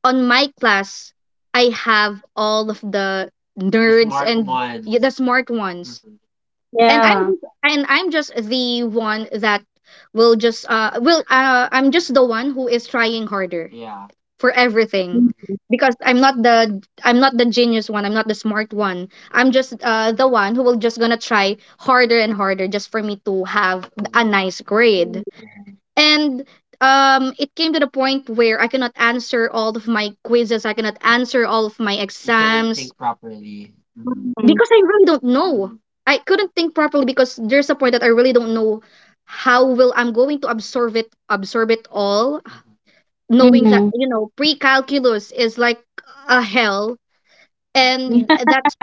Speaker 2: on my class I have all of the nerds, smart, and the ones, smart, mhm, ones, and i'm
Speaker 1: Yeah.
Speaker 2: just and i'm just the one that will just will I'm just the one who is trying harder, yeah, for everything,
Speaker 1: Mhm,
Speaker 2: mhm, because i'm not the genius one, I'm not the smart one, I'm just the one who will just gonna try harder and harder just for me to have a, mhm, nice grade, mhm, and it came to the point where I cannot answer all of my quizzes, I cannot answer all of my, you couldn't, exams think properly.
Speaker 1: mhm,
Speaker 2: Because I really don't know. I couldn't think properly because there's a point that I really don't know how will I'm going to absorb it all, knowing that,
Speaker 1: mhm.
Speaker 2: you know, pre-calculus is like a hell. and
Speaker 1: Yeah.
Speaker 2: that's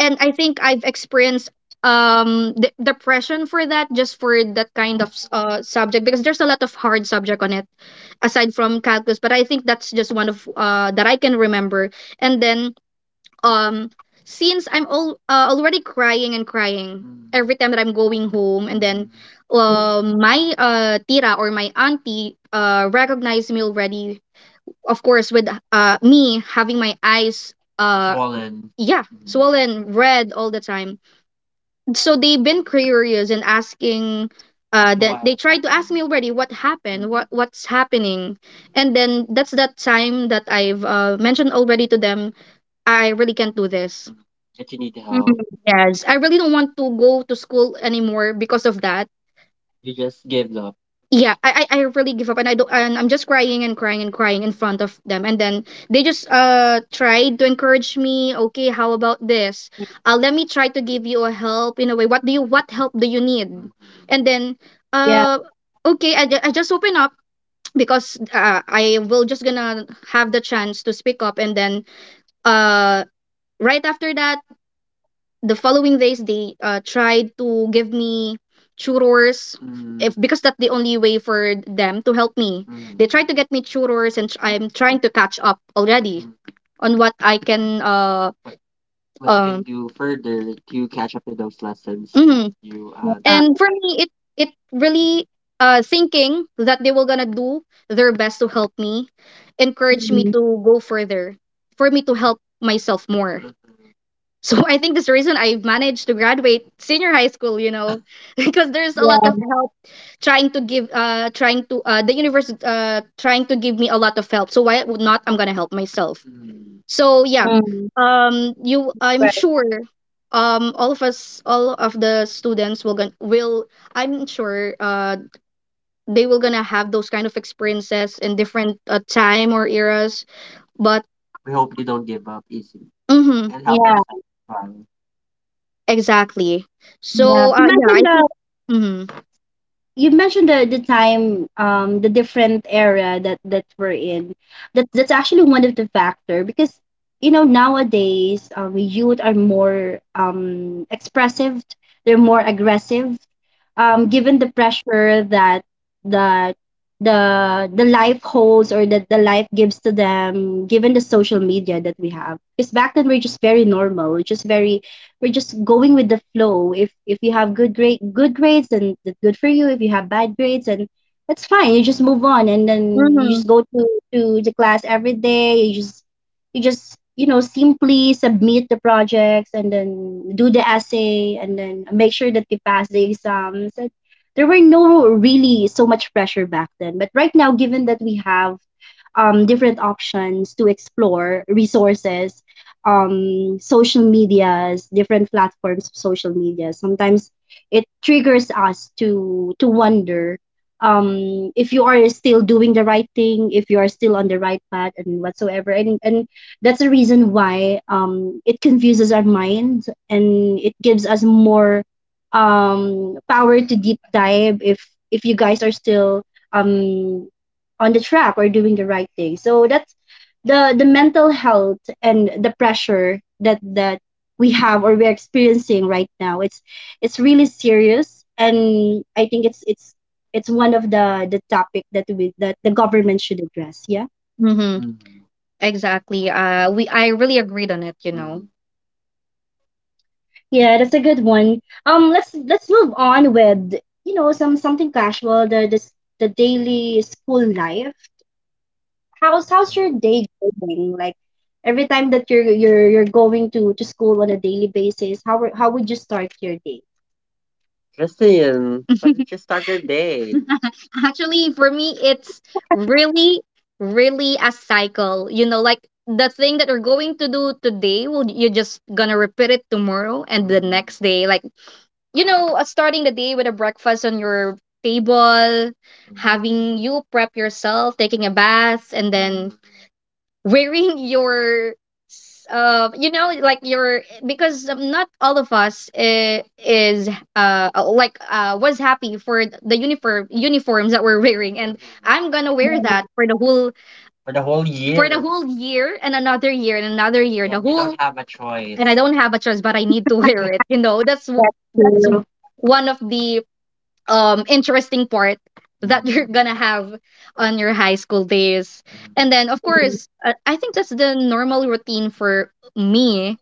Speaker 2: and I think I've experienced depression for that, just for that kind of subject, because there's a lot of hard subject on it aside from calculus. But I think that's just one of that I can remember. And then um since I'm all already crying and crying every time that I'm going home, and then
Speaker 1: Mhm.
Speaker 2: my tira, or my auntie, recognized me already. Of course, with me having my eyes Swollen. Yeah. Mm. Swollen red all the time. So they've been curious and asking. That they, wow, tried to ask me already what happened, what's happening, and then that's that time that I've mentioned already to them, I really can't do this. Mhm. That you need help. Yes, I really don't want to go to school anymore because of that. You just give up. Yeah, I really give up, and I don't and I'm just crying and crying and crying in front of them, and then they just tried to encourage me. Okay, how about this? Let me try to give you a help in a way. What help do you need? Mhm. And then
Speaker 1: Yeah,
Speaker 2: uh okay, I just open up because I will just gonna have the chance to speak up. And then uh right after that, the following days they, tried to give me churros. Mm, if because that's the only way for them to help me. They, mm, they tried to get me churros, I'm trying to catch up already, mm, on what I can but when can you further, to catch up with those lessons, mhm. you
Speaker 1: yeah.
Speaker 2: And for me, it really thinking that they were gonna do their best to help me, encouraged me
Speaker 1: Mhm.
Speaker 2: to go further, for me to help myself more. So I think that's the reason I've managed to graduate senior high school, you know, because there's a lot of
Speaker 1: Yeah.
Speaker 2: help trying to give, trying to, the universe, trying to give me a lot of help. So why would not? I'm gonna help myself. So yeah,
Speaker 1: Mhm.
Speaker 2: you, I'm
Speaker 1: Right.
Speaker 2: sure, all of us, all of the students will gonna will, I'm sure, they will gonna have those kind of experiences in different time or eras. But we hope you don't give up easy, hmm, and help
Speaker 1: Yeah,
Speaker 2: us. Exactly.
Speaker 1: yeah.
Speaker 2: So,
Speaker 1: You
Speaker 2: yeah, I
Speaker 1: mentioned the
Speaker 2: think. Mm-hmm.
Speaker 1: the time, the different era that we're in. That that's actually one of the factor because you know nowadays youth are more expressive, they're more aggressive, given the pressure that the life holds or that the life gives to them, given the social media that we have. Because back then we're just very normal. We're just very we're just going with the flow. If you have good grades, then that's good for you. If you have bad grades, and that's fine. You just move on, and
Speaker 2: Mm-hmm.
Speaker 1: then you just
Speaker 2: Mm-hmm.
Speaker 1: go to the class every day. You just you know simply submit the projects and then do the essay and then make sure that we pass the exams. And there were no really so much pressure back then, but right now given that we have different options to explore resources, social medias, different platforms of social media, sometimes it triggers us to wonder if you are still doing the right thing, if you are still on the right path and whatsoever, and that's the reason why it confuses our mind and it gives us more power to deep dive if you guys are still um, on the track or doing the right thing. So that's the mental health and the pressure that we have or we're experiencing right now. It's really serious, and I think it's it's one of the topic that we that the government should address. Yeah.
Speaker 2: Mm-hmm. Mhm. Exactly. We I really agreed on it, you know.
Speaker 1: Yeah, that's a good one. Let's move on with you know some something casual, the the daily school life. How's your day going? Like every time that you're going to school on a daily basis, how would you start your day?
Speaker 2: Mm. Justin, how did you start your day? Actually, for me, it's really, really a cycle. You know, like the thing that you're going to do today, well, you're just gonna repeat it tomorrow and the, mm, next day. Like, you know, starting the day with a breakfast on your table, having you prep yourself, taking a bath, and then wearing your, you know, like your because not all of us is like was happy for the uniforms that we're wearing, and I'm gonna wear that
Speaker 1: Mm.
Speaker 2: for the whole year, for the whole year and another year and another year. So the So we whole don't have a choice. And I don't have a choice but I need to wear it, you know. that's
Speaker 1: That's
Speaker 2: that's
Speaker 1: true.
Speaker 2: one of the interesting part that you're gonna have on your high school days. And then of course, I think that's the normal routine for me.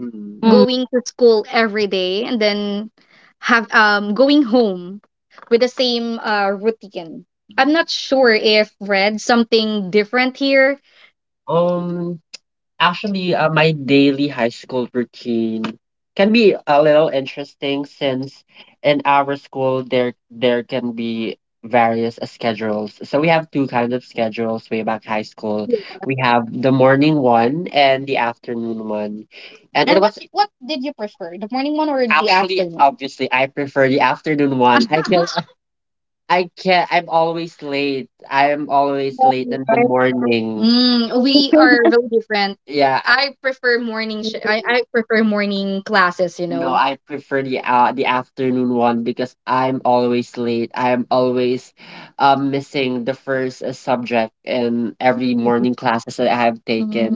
Speaker 2: Mm.
Speaker 1: Mm.
Speaker 2: Going to school every day, and then have, um, going home with the same routine. I'm not sure if read something different here. um, actually, my daily high school routine can be a little interesting since in our school there can be various schedules. So we have two kinds of schedules way back high school. We have the morning one and the afternoon one. And it and what was what did you prefer, the morning one or the, actually, afternoon? Obviously I prefer the afternoon one. I feel I can't I'm always late. I am always late in the morning. Mm, we are really different. Yeah, I- prefer morning sh- I prefer morning classes, you no, know. I prefer the afternoon one because I'm always late. I'm always missing the first subject in every morning classes that I have taken.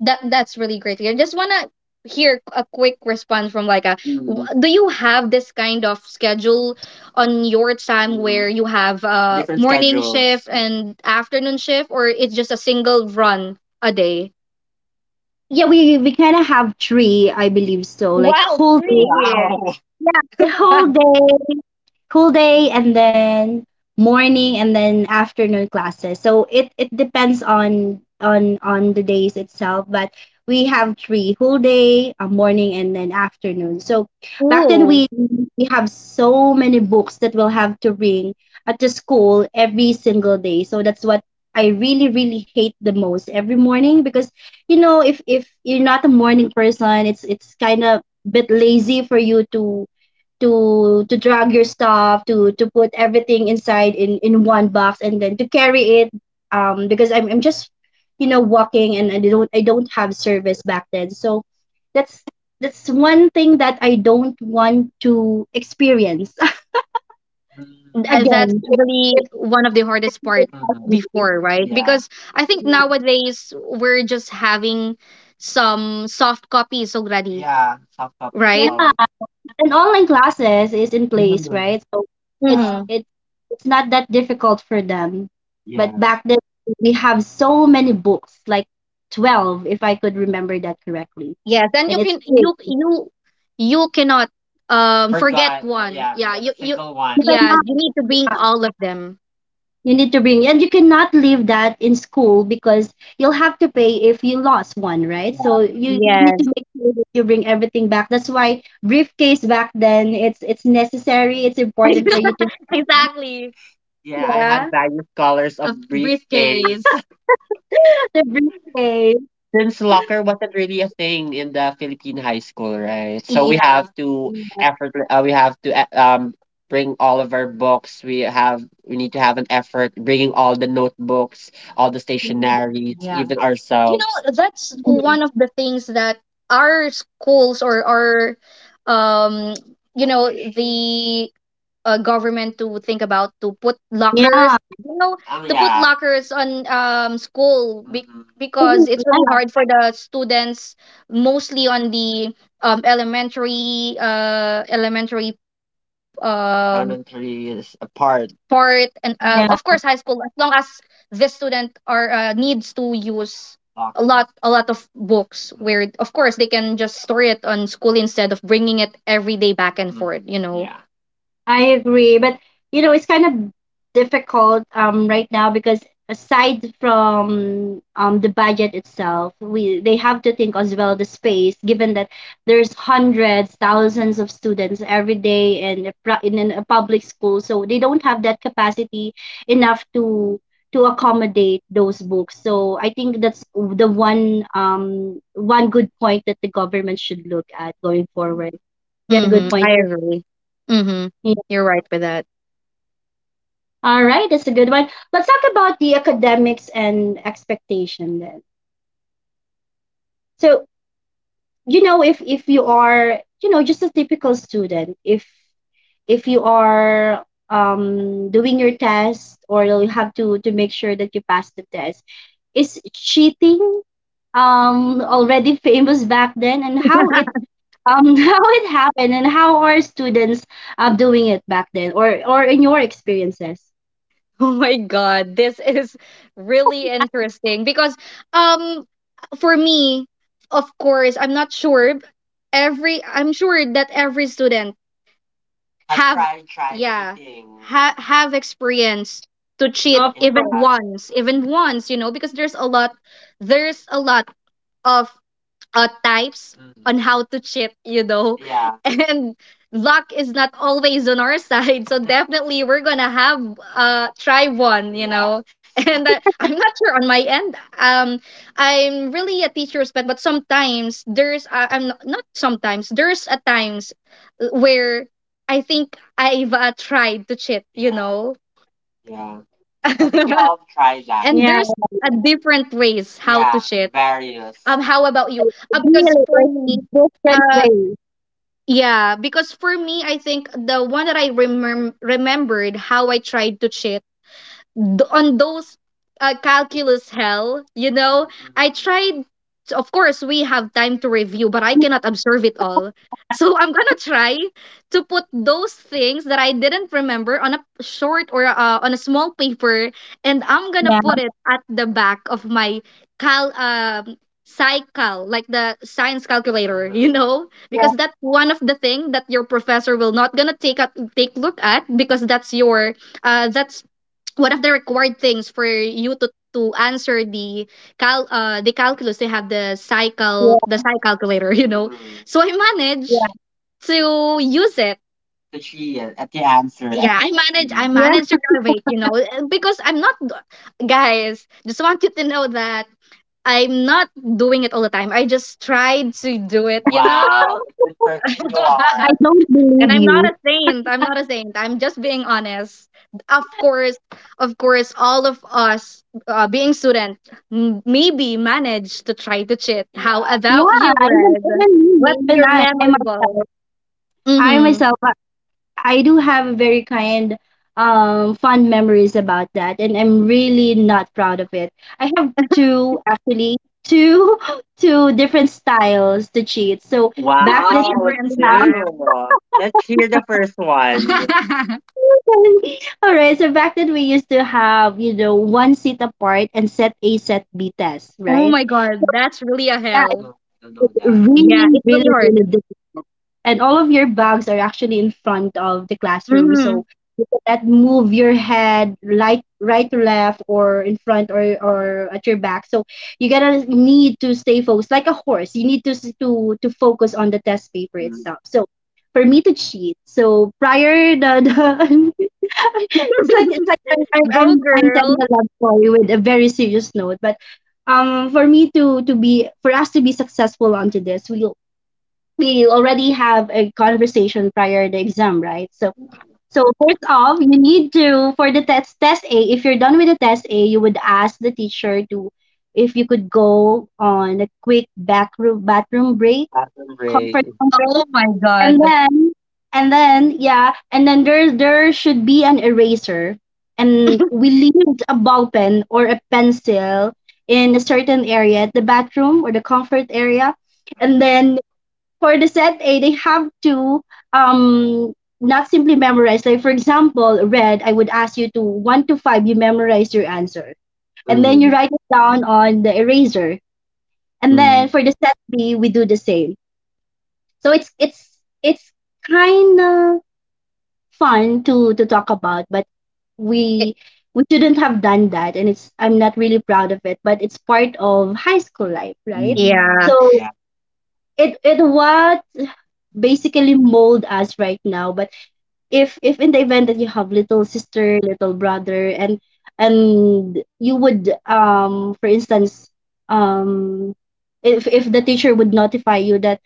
Speaker 2: That that's really great to hear. Just wanna hear a quick response from like a w-. Mm, do you have this kind of schedule on your time, where, mm, you have different morning schedules, shift schedules, and afternoon shift, or it's just a single run a day?
Speaker 1: Yeah, we kind of have three, I believe so. Like
Speaker 2: Wow,
Speaker 1: whole
Speaker 2: three.
Speaker 1: day.
Speaker 2: Wow.
Speaker 1: Yeah, the whole day, and then morning, and then afternoon classes. So it depends on on the days itself, but we have three: whole day, a morning, and then afternoon. So back then
Speaker 2: Ooh,
Speaker 1: we have so many books that we'll have to bring at the school every single day. So that's what I really really hate the most every morning because you know if you're not a morning person, it's kind of bit lazy for you to drag your stuff to put everything inside in one box and then to carry it, because I'm just you know walking and I don't have service back then. So that's that's one thing that I don't want to experience
Speaker 2: th-. Mm, that's
Speaker 1: again. If,
Speaker 2: really
Speaker 1: if,
Speaker 2: one of the hardest part,
Speaker 1: if
Speaker 2: mm,
Speaker 1: possible.
Speaker 2: before, right? Yeah. Because I think nowadays we're just having some soft copies already. Yeah. Soft copies,
Speaker 1: Yeah,
Speaker 2: right?
Speaker 1: and online classes is in
Speaker 2: Of.
Speaker 1: place, right? So
Speaker 2: Yeah.
Speaker 1: it's
Speaker 2: Mm-hmm.
Speaker 1: it's it's not that difficult for them. But
Speaker 2: Yeah.
Speaker 1: back then we have so many books, like 12, if I could remember that correctly.
Speaker 2: Yes, and
Speaker 1: And
Speaker 2: you
Speaker 1: it's
Speaker 2: can
Speaker 1: big.
Speaker 2: you you cannot forget. Forgot. One. Yeah. Yeah, forget you you single one.
Speaker 1: You
Speaker 2: Yeah, you need
Speaker 1: cannot-
Speaker 2: to bring all of them.
Speaker 1: you need to bring and you cannot leave that in school because you'll have to pay if you lost one, right?
Speaker 2: Yeah.
Speaker 1: So you need to
Speaker 2: Yes.
Speaker 1: make sure that you bring everything back. That's why briefcase back then it's necessary, it's important for you to,
Speaker 2: Exactly. Yeah. I had
Speaker 1: yeah,
Speaker 2: various colors of briefcase, briefcase,
Speaker 1: the briefcase.
Speaker 2: since locker wasn't really a thing in the Philippine high school, right? So we, yeah, have to effort. We have to bring all of our books. We need to have an effort bringing all the notebooks, all the stationaries, yeah, even, you, ourselves, know, that's one of the things that our schools or our um you know, the government to think about to put
Speaker 1: Yeah.
Speaker 2: lockers, you know. The put, yeah, lockers on, um, school be-. Mhm. Because it's really hard for the students, mostly on the elementary, elementary is a part, part and, of course
Speaker 1: Yeah.
Speaker 2: high school, as long as the student are, needs to use a, lockers, lot a lot of books, where of course they can just store it on school instead of bringing it every day back and, mm-hmm, forth, mm-hmm, you know. Yeah.
Speaker 1: I agree, but you know, it's kind of difficult right now because aside from the budget itself, we they have to think as well the space given that there's hundreds, thousands of students every day in a, pra- in an- a public school, so they don't have that capacity enough to accommodate those books. So I think that's the one one good point that the government should look at going forward. Yeah,
Speaker 2: Mm-hmm,
Speaker 1: good
Speaker 2: I
Speaker 1: point.
Speaker 2: agree. Mm-hmm.
Speaker 1: Mm.
Speaker 2: You're right with that.
Speaker 1: All right, that's a good one. Let's talk about the academics and expectation then. So, you know, if you are, you know, just a typical student, if you are doing your test or you have to make sure that you pass the test, is cheating already famous back then and how it how it happened and how are students doing it back then or in your experiences?
Speaker 2: Oh my god, this is really interesting because um for me, of course, I'm not sure every I'm sure that every student I've have tried yeah, cheating ha- have experience to cheat
Speaker 1: Of
Speaker 2: in the even past,
Speaker 1: course.
Speaker 2: once, even once, you know, because there's a lot there's a lot of types on, mm, how to cheat, you know. Yeah. And luck is not always on our side. So definitely we're going to have try one, you, yeah, know. And I'm not sure on my end. I'm really a teacher's pet, but sometimes there's, I'm not, not sometimes, there's a times where I think I've, tried to cheat, you, yeah, know. Yeah. We all try that. And there's a different ways how to, yeah, shit, various. How about you? Because
Speaker 1: Really
Speaker 2: for
Speaker 1: is
Speaker 2: me,
Speaker 1: different
Speaker 2: uh,
Speaker 1: way.
Speaker 2: yeah, because for me, I think the one that remembered how I tried to cheat on those calculus hell, you know, I tried. Of course, we have time to review, but I cannot observe it all. So I'm gonna try to put those things that I didn't remember on a short or, on a small paper, and I'm gonna
Speaker 1: Yeah,
Speaker 2: put it at the back of my cal cycle, like the science calculator, you know, because that's one of the thing that your professor will not gonna take look at, because that's your, that's one of the required things for you to answer the cal the calculus. They have the cycle, the
Speaker 1: yeah,
Speaker 2: psi calculator, you know. Mhm. So I
Speaker 1: yeah,
Speaker 2: managed to use it to chill at the answer. Yeah, I, actually, manage. I the
Speaker 1: yeah.
Speaker 2: managed to graduate, you know, because I'm not guys just want you to know that I'm not doing it all the time. I just tried to do it, you know. Wow, good person you are.
Speaker 1: I don't
Speaker 2: And
Speaker 1: believe
Speaker 2: I'm not
Speaker 1: you.
Speaker 2: a saint. I'm not a saint. I'm just being honest. Of course, of course, all of us, being student, maybe manage to try to cheat. How, yeah,
Speaker 1: Yeah,
Speaker 2: about you,
Speaker 1: even
Speaker 2: Red?
Speaker 1: even me,
Speaker 2: What's
Speaker 1: even
Speaker 2: your
Speaker 1: I
Speaker 2: memorable?
Speaker 1: myself, I
Speaker 2: Mm-hmm. Two.
Speaker 1: myself, I, I do have a very kind, fond memories about that, and I'm really not proud of it. I have two actually, two two different styles to cheat. So back then
Speaker 2: Wow,
Speaker 1: we used
Speaker 2: different
Speaker 1: to have.
Speaker 2: two. Let's hear the first one.
Speaker 1: All right, so back then we used to have, you know, one seat apart and set A, set B test,
Speaker 2: Oh
Speaker 1: right?
Speaker 2: my god, that's really a
Speaker 1: Yeah,
Speaker 2: hell. No, I don't know
Speaker 1: it's
Speaker 2: that. Yeah,
Speaker 1: really,
Speaker 2: it's really
Speaker 1: really, really
Speaker 2: hard.
Speaker 1: difficult. And all of your bags are actually in front of the classroom.
Speaker 2: Mm-hmm.
Speaker 1: So that move your head right to left or in front or at your back, so you gotta need to stay focused like a horse. You need to focus on the test paper itself. So for me to cheat, so prior the it's like, I'm, I'm
Speaker 2: Go
Speaker 1: i'm I'm telling
Speaker 2: girl.
Speaker 1: a love story with a very serious note. But for me to be, for us to be successful onto this, we already have a conversation prior the exam, right? So so first off, you need to, for the test A. If you're done with the test A, you would ask the teacher to, if you could go on a quick backroom bathroom break,
Speaker 2: Bathroom break.
Speaker 1: comfort zone
Speaker 2: Oh
Speaker 1: break,
Speaker 2: my
Speaker 1: and
Speaker 2: god.
Speaker 1: then yeah, and then there should be an eraser, and we leave a ball pen or a pencil in a certain area, the bathroom or the comfort area, and then for the set A, they have to um not simply memorize. Like for example, red, I would ask you to one to five, you memorize your answer. And then you
Speaker 2: Mm,
Speaker 1: write it down on the eraser. And then
Speaker 2: mm,
Speaker 1: for the set B, we do the same. So it's it's kinda fun to talk about, but
Speaker 2: I
Speaker 1: we shouldn't have done that and it's, I'm not really proud of it, but it's part of high school life,
Speaker 2: mm.
Speaker 1: right?
Speaker 2: Yeah.
Speaker 1: So
Speaker 2: Yeah.
Speaker 1: it was basically mold us right now, but if in the event that you have little sister little brother and you would for instance, um if the teacher would notify you that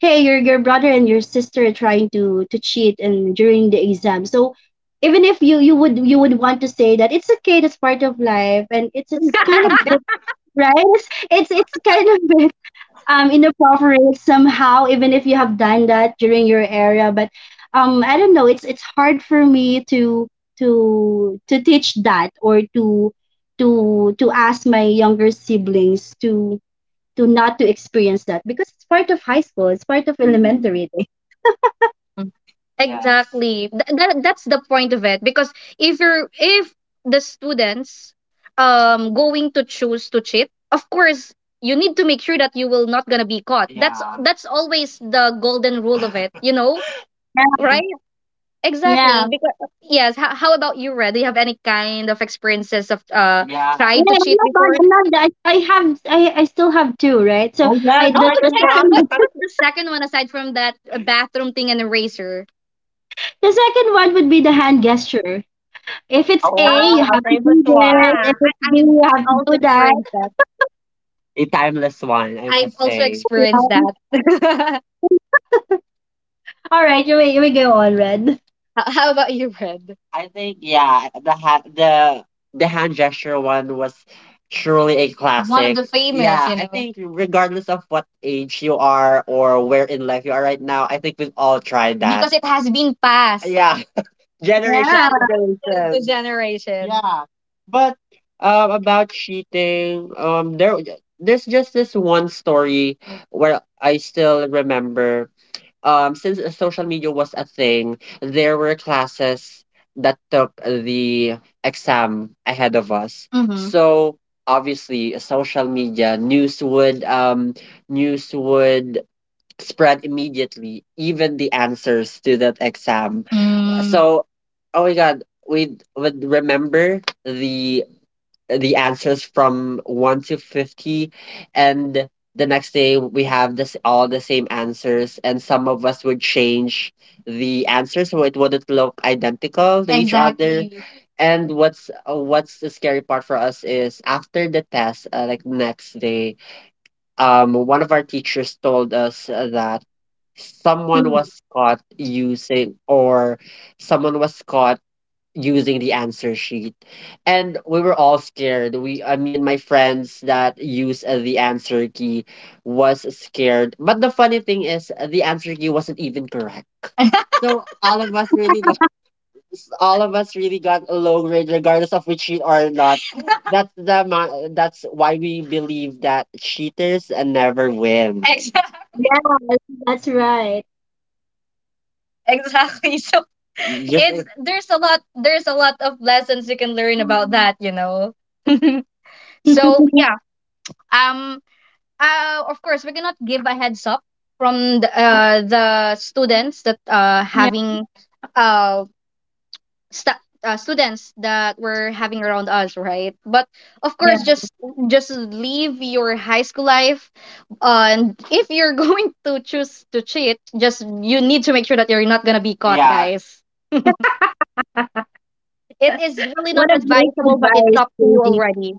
Speaker 1: hey, your brother and your sister are trying to cheat and during the exam, so even if you would want to say that it's okay, that's part of life, and it's kind of bit right. It's kind of bit inappropriate somehow, even if you have done that during your area. But I don't know, it's hard for me to to teach that, or to to ask my younger siblings to not to experience that, because it's part of high school, it's part of
Speaker 2: Mm.
Speaker 1: elementary days.
Speaker 2: Mm. Yeah. Exactly. Th that that's the point of it because if you're if the students, going to choose to cheat, of course you need to make sure that you will not gonna be caught. That's yeah. That's always the golden rule of it, you know?
Speaker 1: Yeah,
Speaker 2: Right? Exactly.
Speaker 1: yeah,
Speaker 2: Because yes, how about you, Red? Do you have any kind of experiences of Yeah.
Speaker 1: yeah,
Speaker 2: tried to
Speaker 1: I'm
Speaker 2: cheat
Speaker 1: not bad.
Speaker 2: before?
Speaker 1: I'm not that. I have. I still have two, right? So
Speaker 2: Oh, yeah,
Speaker 1: I
Speaker 2: the Oh,
Speaker 1: the
Speaker 2: second yeah. What,
Speaker 1: second
Speaker 2: one. What's the second one aside from that? A bathroom thing and eraser.
Speaker 1: the second one would be the hand gesture. If it's
Speaker 2: Oh,
Speaker 1: A,
Speaker 2: Oh
Speaker 1: you
Speaker 2: our
Speaker 1: have to
Speaker 2: favorite
Speaker 1: do
Speaker 2: Yeah, I, one.
Speaker 1: this. If it's B,
Speaker 2: I've
Speaker 1: you have to
Speaker 2: also
Speaker 1: do that.
Speaker 2: experienced that. A timeless one, I've would also say. Experienced
Speaker 1: Yeah.
Speaker 2: that.
Speaker 1: All right, you may go on, Red.
Speaker 2: How about you, Red? I think yeah, the the hand gesture one was truly a One of classic. The famous, Yeah, you I know. Think regardless of what age you are or where in life you are right now, I think we've all tried that, because it has been passed. Yeah, Generation to
Speaker 1: Yeah.
Speaker 2: Generation to generation. Generation. Yeah. But about cheating, there there's just this one story where I still remember. Since social media was a thing, there were classes that took the exam ahead of us. Mm-hmm. So obviously social media news would spread immediately, even the answers to that exam. Mm. So, oh my God, we would remember the answers from 1 to 50, and the next day we have this all the same answers, and some of us would change the answers so it wouldn't look identical to each other. Exactly. And what's the scary part for us is after the test, like next day, one of our teachers told us that someone was caught using or someone was caught using the answer sheet, and we were all scared. We i mean my friends that use the answer key was scared, but the funny thing is the answer key wasn't even correct, so all of us really got along, regardless of we cheat or not. That's why we believe that cheaters never win. Exactly.
Speaker 1: Yes, that's right.
Speaker 2: Exactly. So Just it's there's a lot of lessons you can learn about that, you know. So yeah, um, of course we cannot give a heads up from the students that
Speaker 1: Yeah,
Speaker 2: having uh students that were having around us, right, but of
Speaker 1: yeah.
Speaker 2: course just leave your high school life and if you're going to choose to cheat, just you need to make sure that you're not going to be caught. Yeah. Guys, it is really not
Speaker 1: What a great
Speaker 2: advisable, but it's
Speaker 1: advice,
Speaker 2: up to you
Speaker 1: JD.
Speaker 2: already.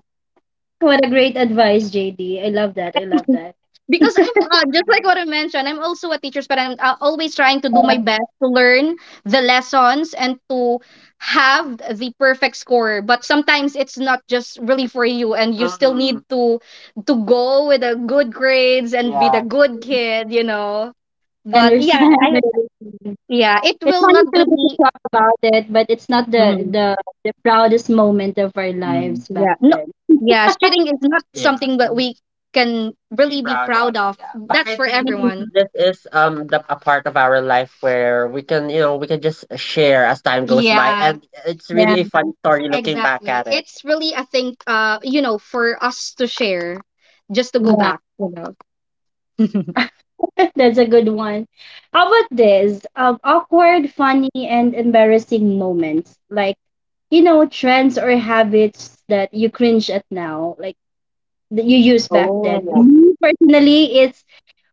Speaker 1: What a great advice, JD. I love that. I love that.
Speaker 2: Because I'm just like what I mentioned, I'm also a teacher, but I'm always trying to do my
Speaker 1: Yeah,
Speaker 2: best to learn the lessons and to have the perfect score. But sometimes it's not just really for you, and you still need Mm, to go with the good grades and be the yeah. good kid, you know.
Speaker 1: I
Speaker 2: But yeah,
Speaker 1: understand.
Speaker 2: I yeah, it
Speaker 1: It's
Speaker 2: will
Speaker 1: funny
Speaker 2: not
Speaker 1: to,
Speaker 2: gonna
Speaker 1: to
Speaker 2: be.
Speaker 1: talk about it, but it's not the,
Speaker 2: Mm-hmm.
Speaker 1: the the proudest moment of our
Speaker 2: Mm.
Speaker 1: lives back
Speaker 2: Yeah. No.
Speaker 1: then.
Speaker 2: Yeah, cheating is not Yes. something that Mm. we can Be really be proud of. Proud of. Yeah. But That's I for think everyone.
Speaker 1: Mm,
Speaker 2: This is the a part of our life where we can, you know, we can just share as time goes by. Yeah. And it's
Speaker 1: yeah,
Speaker 2: really a fun story looking back. Exactly. At it. It's really, I think, you know, for us to share, just to go
Speaker 1: yeah.
Speaker 2: back, you know.
Speaker 1: That's a good one. How about this? Awkward, funny, and embarrassing moments. Like, trends or habits that you cringe at now, like that you use back then.
Speaker 2: Oh,
Speaker 1: Me, personally, it's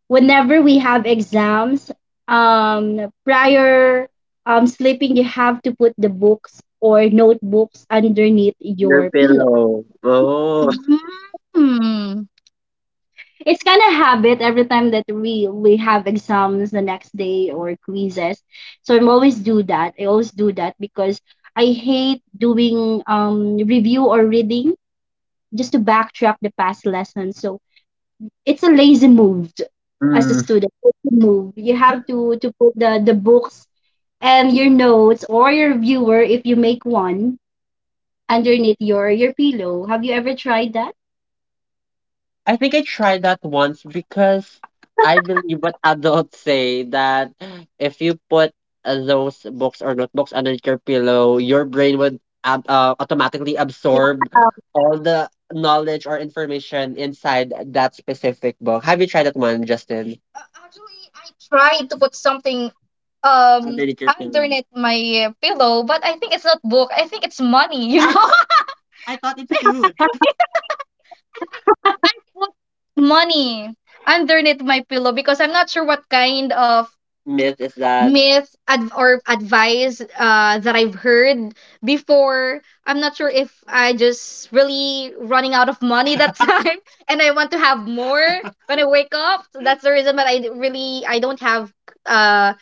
Speaker 1: whenever we have exams, prior sleeping, you have to put the books or notebooks underneath
Speaker 2: your
Speaker 1: your pillow.
Speaker 2: pillow. Oh. Mm.
Speaker 1: It's kind of habit every time that we have exams the next day or quizzes, so I always do that, because I hate doing review or reading just to backtrack the past lessons. So it's a lazy move, as a student lazy move, you have to put the books and your notes or your viewer, if you make one, underneath your pillow. Have you ever tried that?
Speaker 2: I think I tried that once because I believe what adults say, that if you put those books or notebooks under your pillow, your brain would automatically absorb all the knowledge or information inside that specific book. Have you tried that one, Justin? Actually, I tried to put something Underneath your pillow. Underneath my pillow, but I think it's not book. I think it's money, you know? I thought it's food. I think I put money underneath my pillow because I'm not sure what kind of Myth is that myth or advice that I've heard before. I'm not sure if I just really running out of money that time, and I want to have more when I wake up. So that's the reason that I d- really I don't have uh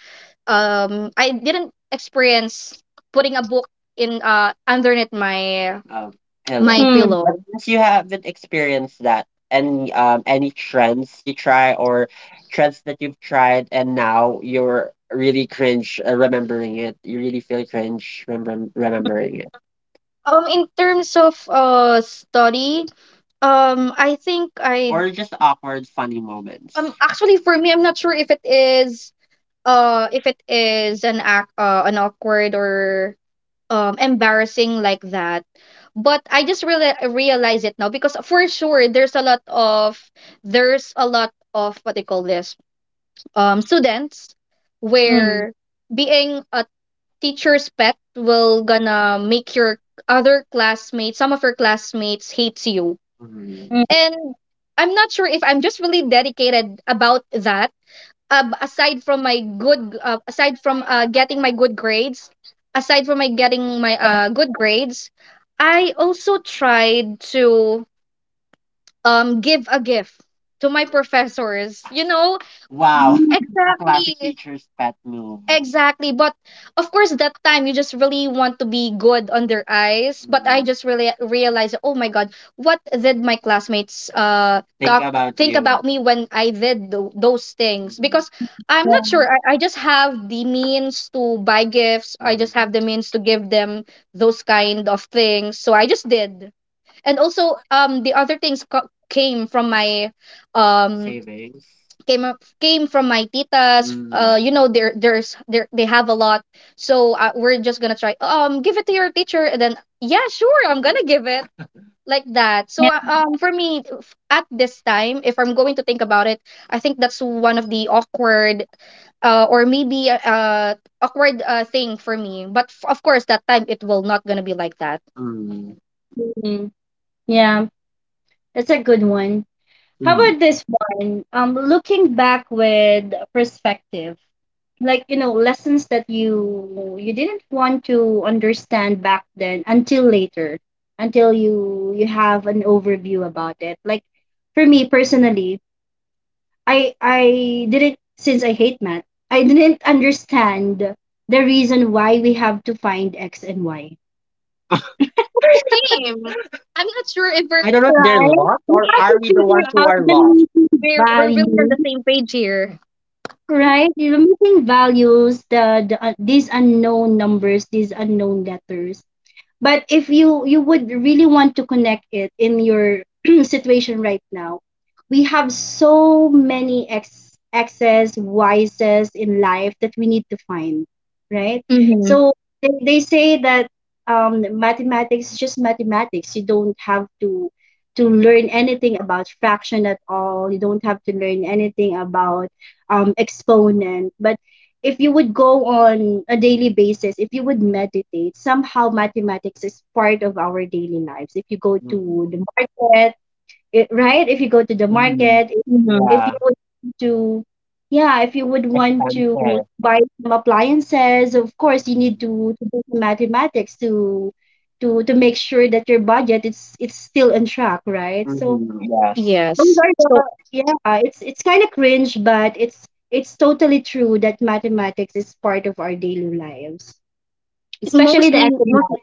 Speaker 2: I didn't experience putting a book in underneath my my hello.
Speaker 1: Mm,
Speaker 2: Pillow. Unless you haven't experienced that, any trends you try or trends that you've tried and now you're really cringe remembering it. You really feel cringe remembering it. In terms of study, I think I Or just awkward funny moments. Actually for me I'm not sure if it is an awkward or embarrassing like that, but I just really realize it now because for sure there's a lot of what they call this students
Speaker 1: mm,
Speaker 2: where being a teacher's pet will gonna make your other classmates some of your classmates hates you. Mhm.
Speaker 1: mm.
Speaker 2: And I'm not sure if I'm just really dedicated about that, aside from getting my good grades, aside from my getting my good grades I also tried to give a gift to my professors. You know, Wow, a classic exactly. teacher's pet move. Exactly. But of course, that time you just really want to be good on their eyes. But I Mm. just really realized, oh my God, what did my classmates Think talk about think you. About me when I did those things? Mm. Because I'm not sure.
Speaker 1: Mm,
Speaker 2: I just have the means to buy gifts. I Mm. just Mm. have the means to give them those kind of things. So I just did. And also the other things came from my Savings. Came from my titas. Mm. You know there there's there they have a lot, so we're just gonna try give it to your teacher, and then yeah sure I'm gonna give it like that. So
Speaker 1: yeah.
Speaker 2: for me at this time if I'm going to think about it, I think that's one of the awkward or maybe awkward thing for me, but of course that time it will not gonna be like that. Mm.
Speaker 1: Yeah. Yeah, that's a good one. How about this one? Looking back with perspective, like, lessons that you didn't want to understand back then until later, until you have an overview about it. Like, for me personally, I didn't, since I hate math, I didn't understand the reason why we have to find x and y.
Speaker 2: Same. I'm not sure if we're I don't know if they're
Speaker 1: Right?
Speaker 2: lost
Speaker 1: You
Speaker 2: or yeah.
Speaker 1: have
Speaker 2: are
Speaker 1: to
Speaker 2: we the
Speaker 1: figure
Speaker 2: ones who
Speaker 1: out
Speaker 2: are
Speaker 1: the
Speaker 2: lost?
Speaker 1: meaning
Speaker 2: We're really on
Speaker 1: value.
Speaker 2: the same page here.
Speaker 1: Right? You're missing values, these unknown numbers, these unknown letters, but if you would really want to connect it in your situation right now, we have so many excess vices in life that we need to find, right?
Speaker 2: Mm-hmm.
Speaker 1: So they say that mathematics is just mathematics, you don't have to learn anything about fraction at all, you don't have to learn anything about exponent. But if you would go on a daily basis, if you would meditate, somehow mathematics is part of our daily lives. If you go to
Speaker 2: Mhm.
Speaker 1: the market, it, right? If you go to the
Speaker 2: Mhm.
Speaker 1: market,
Speaker 2: Mm-hmm.
Speaker 1: if you
Speaker 2: Yeah,
Speaker 1: would to, yeah, if you would want to
Speaker 2: expensive.
Speaker 1: buy some appliances, of course you need
Speaker 2: Mhm.
Speaker 1: to do some mathematics to make sure that your budget, it's still on track, right? So
Speaker 2: Mhm. Yes.
Speaker 1: those
Speaker 2: Yes.
Speaker 1: are the
Speaker 2: So
Speaker 1: yeah, it's kind of cringe, but it's totally true that mathematics is part of our daily lives, especially the economics.
Speaker 2: mostly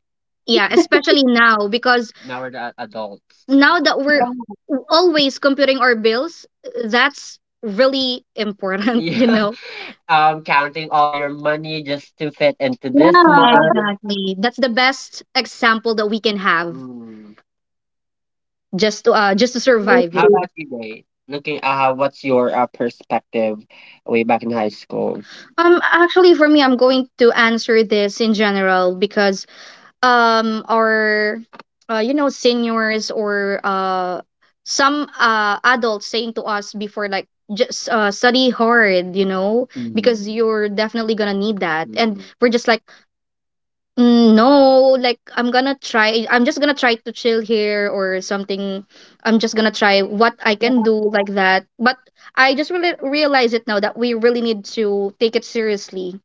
Speaker 2: yeah, especially now because Now we're the adults. Now that we're
Speaker 1: Yeah,
Speaker 2: always computing our bills, that's really important, you Yeah, know. Counting all your money just to fit into this month.
Speaker 1: yeah,
Speaker 2: Exactly. That's the best example that we can have Mm. Just to
Speaker 1: I
Speaker 2: survive, you How
Speaker 1: agree.
Speaker 2: know. About you, Jay? Looking, what's your perspective way back in high school? Actually for me I'm going to answer this in general, because our you know seniors or some adults saying to us before like just study hard, you know, Mm-hmm. because Mm-hmm. you're definitely gonna need that, and Mm-hmm. we're just like, "Mm, no, like I'm gonna try, I'm just gonna try to chill here or something, I'm just gonna try what I can do," like that. But I just really realize it now that we really need to take it seriously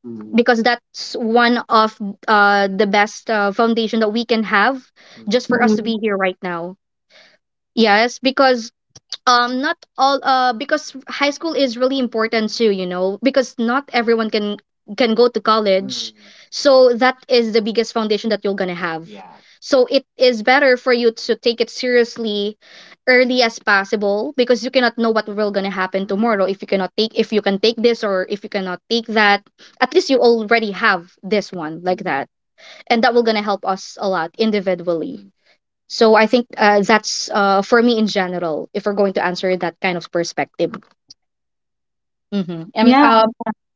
Speaker 2: Mm, because that's one of the best foundation that we can have mm, just for us to
Speaker 1: Mm.
Speaker 2: be here right now. Yes, because not all because high school is really important too, you know, because not everyone can go to college. Mm, So that is the biggest foundation that you're gonna have. Yeah. So it is better for you to take it seriously early as possible, because you cannot know what will gonna happen Mm, tomorrow. If you cannot take if you can take this, or if you cannot take that, at least you already have this one, like mm, that, and that will gonna help us a lot individually. So I think that's for me in general, if we're going to answer that kind of perspective. Hmm. And
Speaker 1: Yeah,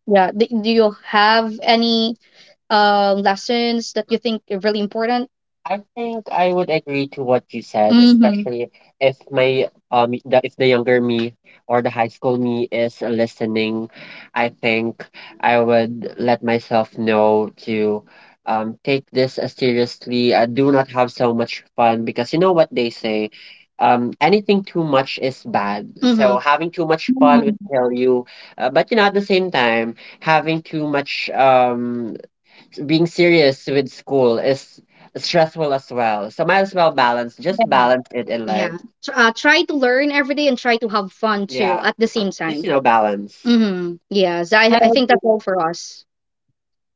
Speaker 2: yeah, do you have any lessons that you think are really important? I think I would agree to what you said, Mm-hmm. especially if my if the younger me or the high school me is listening, I think I would let myself know to take this as seriously. I do not have so much fun, because you know what they say, anything too much is bad. So Mm-hmm. So having too much fun would
Speaker 1: mm.
Speaker 2: kill you, but you know at the same time having too much being serious with school is stressful as well. So might as well balance, just balance it in life. Yeah. Try to learn every day and try to have fun too, yeah, at the same time. Balance. Mm-hmm. Yes, I,
Speaker 1: I
Speaker 2: I think that's
Speaker 1: agree.
Speaker 2: all for us.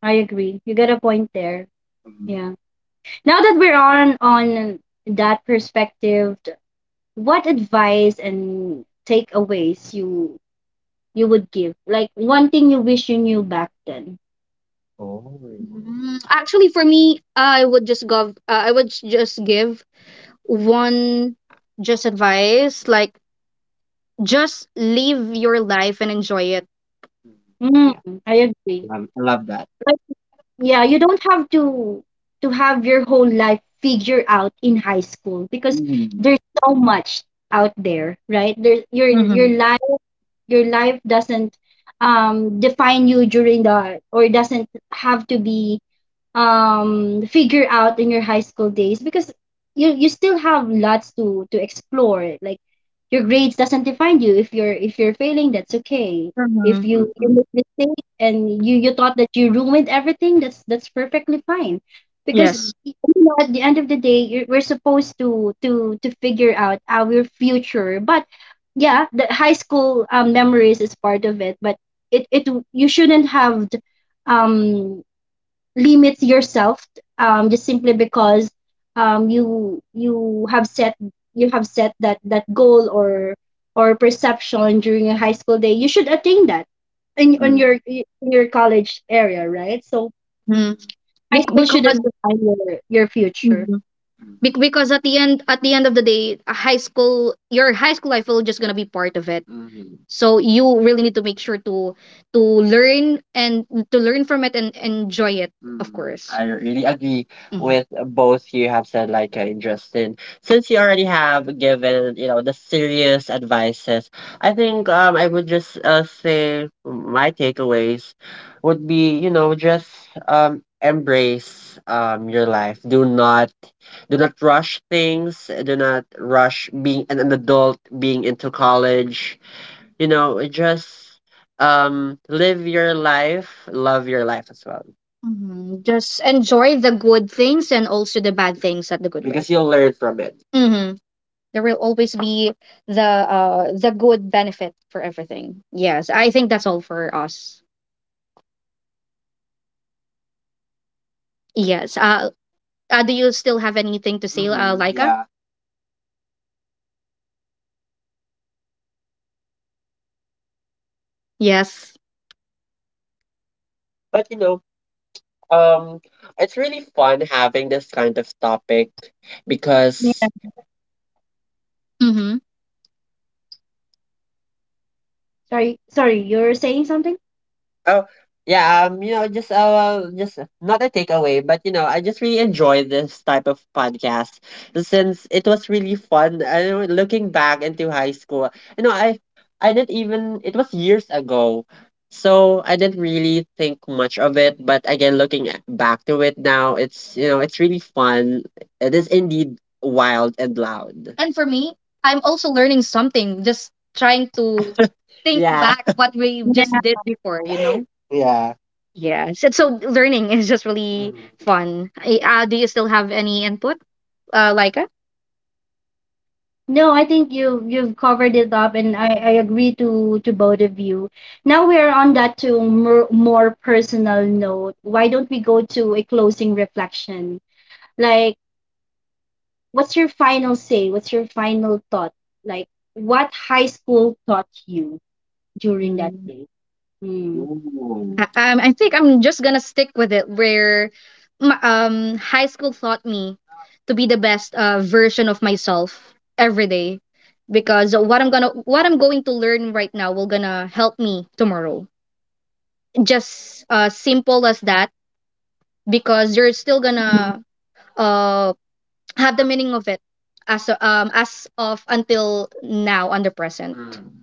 Speaker 1: I agree. You got a point there.
Speaker 2: Mm.
Speaker 1: Yeah. Now that we're on that perspective, what advice and takeaways you would give? Like, one thing you wish you knew back then.
Speaker 2: Oh. Actually, for me, I would just go. I would just give one just advice, like just live your life and enjoy it. Mm.
Speaker 1: Mm,
Speaker 2: Yeah,
Speaker 1: I agree.
Speaker 2: I love that.
Speaker 1: Like, yeah, you don't have to have your whole life figured out in high school, because
Speaker 2: Mm.
Speaker 1: there's so much out there, right? There, your your
Speaker 2: Mm-hmm.
Speaker 1: life your life doesn't define you during the, or doesn't have to be figure out in your high school days, because you still have lots to explore, like your grades doesn't define you. If you're failing, that's okay. If
Speaker 2: Mm-hmm.
Speaker 1: you
Speaker 2: Mhm.
Speaker 1: make mistake, and you thought that you ruined everything, that's perfectly fine, because
Speaker 2: Yes.
Speaker 1: you know, at the end of the day, we're supposed to figure out our future, but yeah, the high school memories is part of it, but it you shouldn't have um limit yourself, just simply because um you you have set you have set that goal, or perception during a high school day, you should attain that in on
Speaker 2: Mm,
Speaker 1: your in your college area, right? So
Speaker 2: mm, Mm.
Speaker 1: high school shouldn't
Speaker 2: Because
Speaker 1: define your
Speaker 2: mhm.
Speaker 1: future.
Speaker 2: Because at the end of the day, a high school your high school life will just gonna be part of it. So you really need to make sure to learn and to learn from it and enjoy it, of course. I really agree with both you have said, like, and Justin. Since you already have given, you know, the serious advices, I think I would just say my takeaways would be, you know, just embrace your life. Do not rush things. Do not rush being an adult, being into college. You know, just live your life, love your life as well. Just enjoy the good things and also the bad things at the good way, because you'll learn from it. Mm-hmm. There will always be the good benefit for everything. Yes, I think that's all for us. Yes. Do you still have anything to say, Laika? Yeah. Yes. But you know, um, it's really fun having this kind of topic
Speaker 1: Yeah.
Speaker 2: because mm-hmm.
Speaker 1: Sorry, sorry, you're saying something?
Speaker 2: Oh, yeah, you know, just not a takeaway, but you know, I just really enjoy this type of podcast since it was really fun. I know, looking back into high school, you know, I didn't even, it was years ago, so I didn't really think much of it. But again, looking back to it now, it's, you know, it's really fun. It is indeed wild and loud. And for me, I'm also learning something, just trying to think, yeah, back what we just did before, you know? Yeah. Yes. And so learning is just really, mm, fun. Do you still have any input, Laika?
Speaker 1: No, I think you've covered it up, and I agree to both of you. Now we're on that to more personal note. Why don't we go to a closing reflection? Like, what's your final say? What's your final thought? Like, what high school taught you during that
Speaker 2: Hmm.
Speaker 1: day? Mm.
Speaker 2: Ooh. I think I'm just gonna stick with it where my, high school taught me to be the best, version of myself every day, because what I'm going to learn right now will gonna help me tomorrow. Just, simple as that, because you're still gonna uh, have the meaning of it as, as of until now on the present. Mm.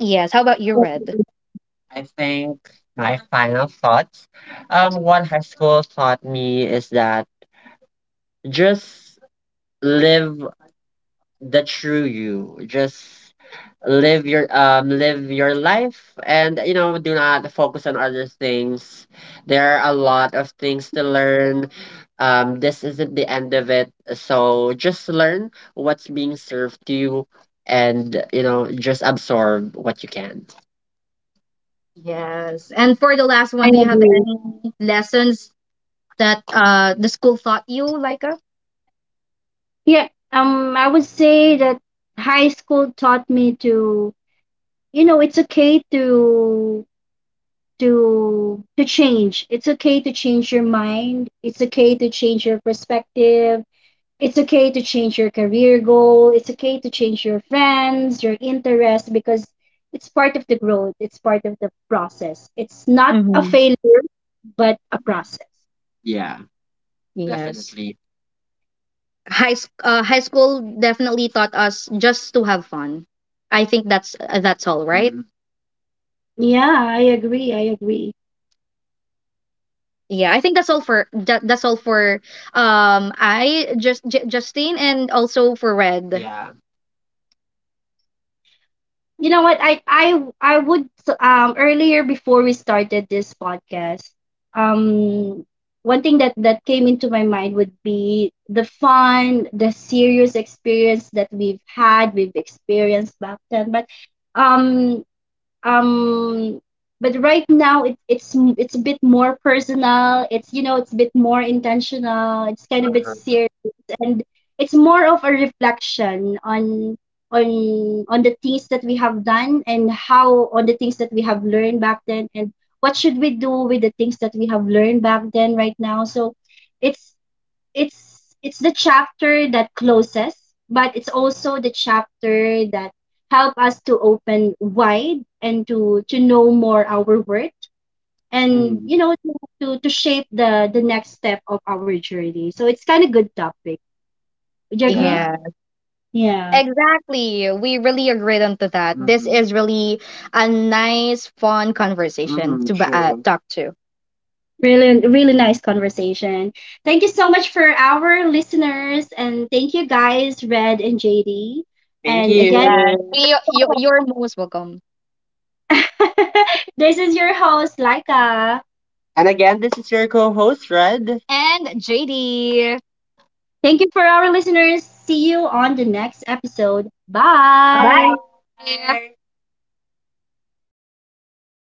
Speaker 2: Yes. How about you, Red? I think my final thoughts. What high school taught me is that just live the true you. Just live your life, and you know, do not focus on other things. There are a lot of things to learn. This isn't the end of it, so just learn what's being served to you, and you know, just absorb what you can. Yes. And for the last
Speaker 1: I
Speaker 2: one, do you have
Speaker 1: agree.
Speaker 2: any lessons that the school taught you, Laika?
Speaker 1: Yeah, I would say that high school taught me to, you know, it's okay to change. It's okay to change your mind. It's okay to change your perspective. It's okay to change your career goal. It's okay to change your friends, your interests, because it's part of the growth. It's part of the process. It's not a
Speaker 2: Mm-hmm.
Speaker 1: failure, but a process.
Speaker 2: Yeah. Yes, definitely. High school definitely taught us just to have fun. I think that's, that's all, right? Mhm.
Speaker 1: Yeah, I agree. I agree.
Speaker 2: Yeah, I think that's all for that, that's all for I just Justine and also for Red. Yeah.
Speaker 1: You know what? I would, earlier before we started this podcast, um one thing that came into my mind would be the fun, the serious experience that we've experienced back then. But um um right now, it's a bit more personal, it's you know it's a bit more intentional, it's kind of bit serious, and it's more of a reflection on the things that we have done, and how on the things that we have learned back then, and what should we do with the things that we have learned back then right now. So it's it's the chapter that closes, but it's also the chapter that help us to open wide, and to know more our worth, and
Speaker 2: Mhm.
Speaker 1: to shape the next step of our journey. So it's kind of good topic. Would you
Speaker 2: Yeah.
Speaker 1: agree?
Speaker 2: Yeah.
Speaker 1: Yeah.
Speaker 2: Exactly. We really agreed onto that. This, mhm, is really a nice, fun conversation, mhm, to true. Talk to.
Speaker 1: Really, really nice conversation. Thank you so much for our listeners, and thank you guys Red and JD.
Speaker 2: Thank
Speaker 1: And
Speaker 2: Yes.
Speaker 1: again,
Speaker 2: you. You, you're most welcome.
Speaker 1: this is your host Laika.
Speaker 2: And again, this is your co-host, Red. And JD.
Speaker 1: Thank you for our listeners. See you on the next episode.
Speaker 2: Bye.
Speaker 1: Bye.
Speaker 2: Bye.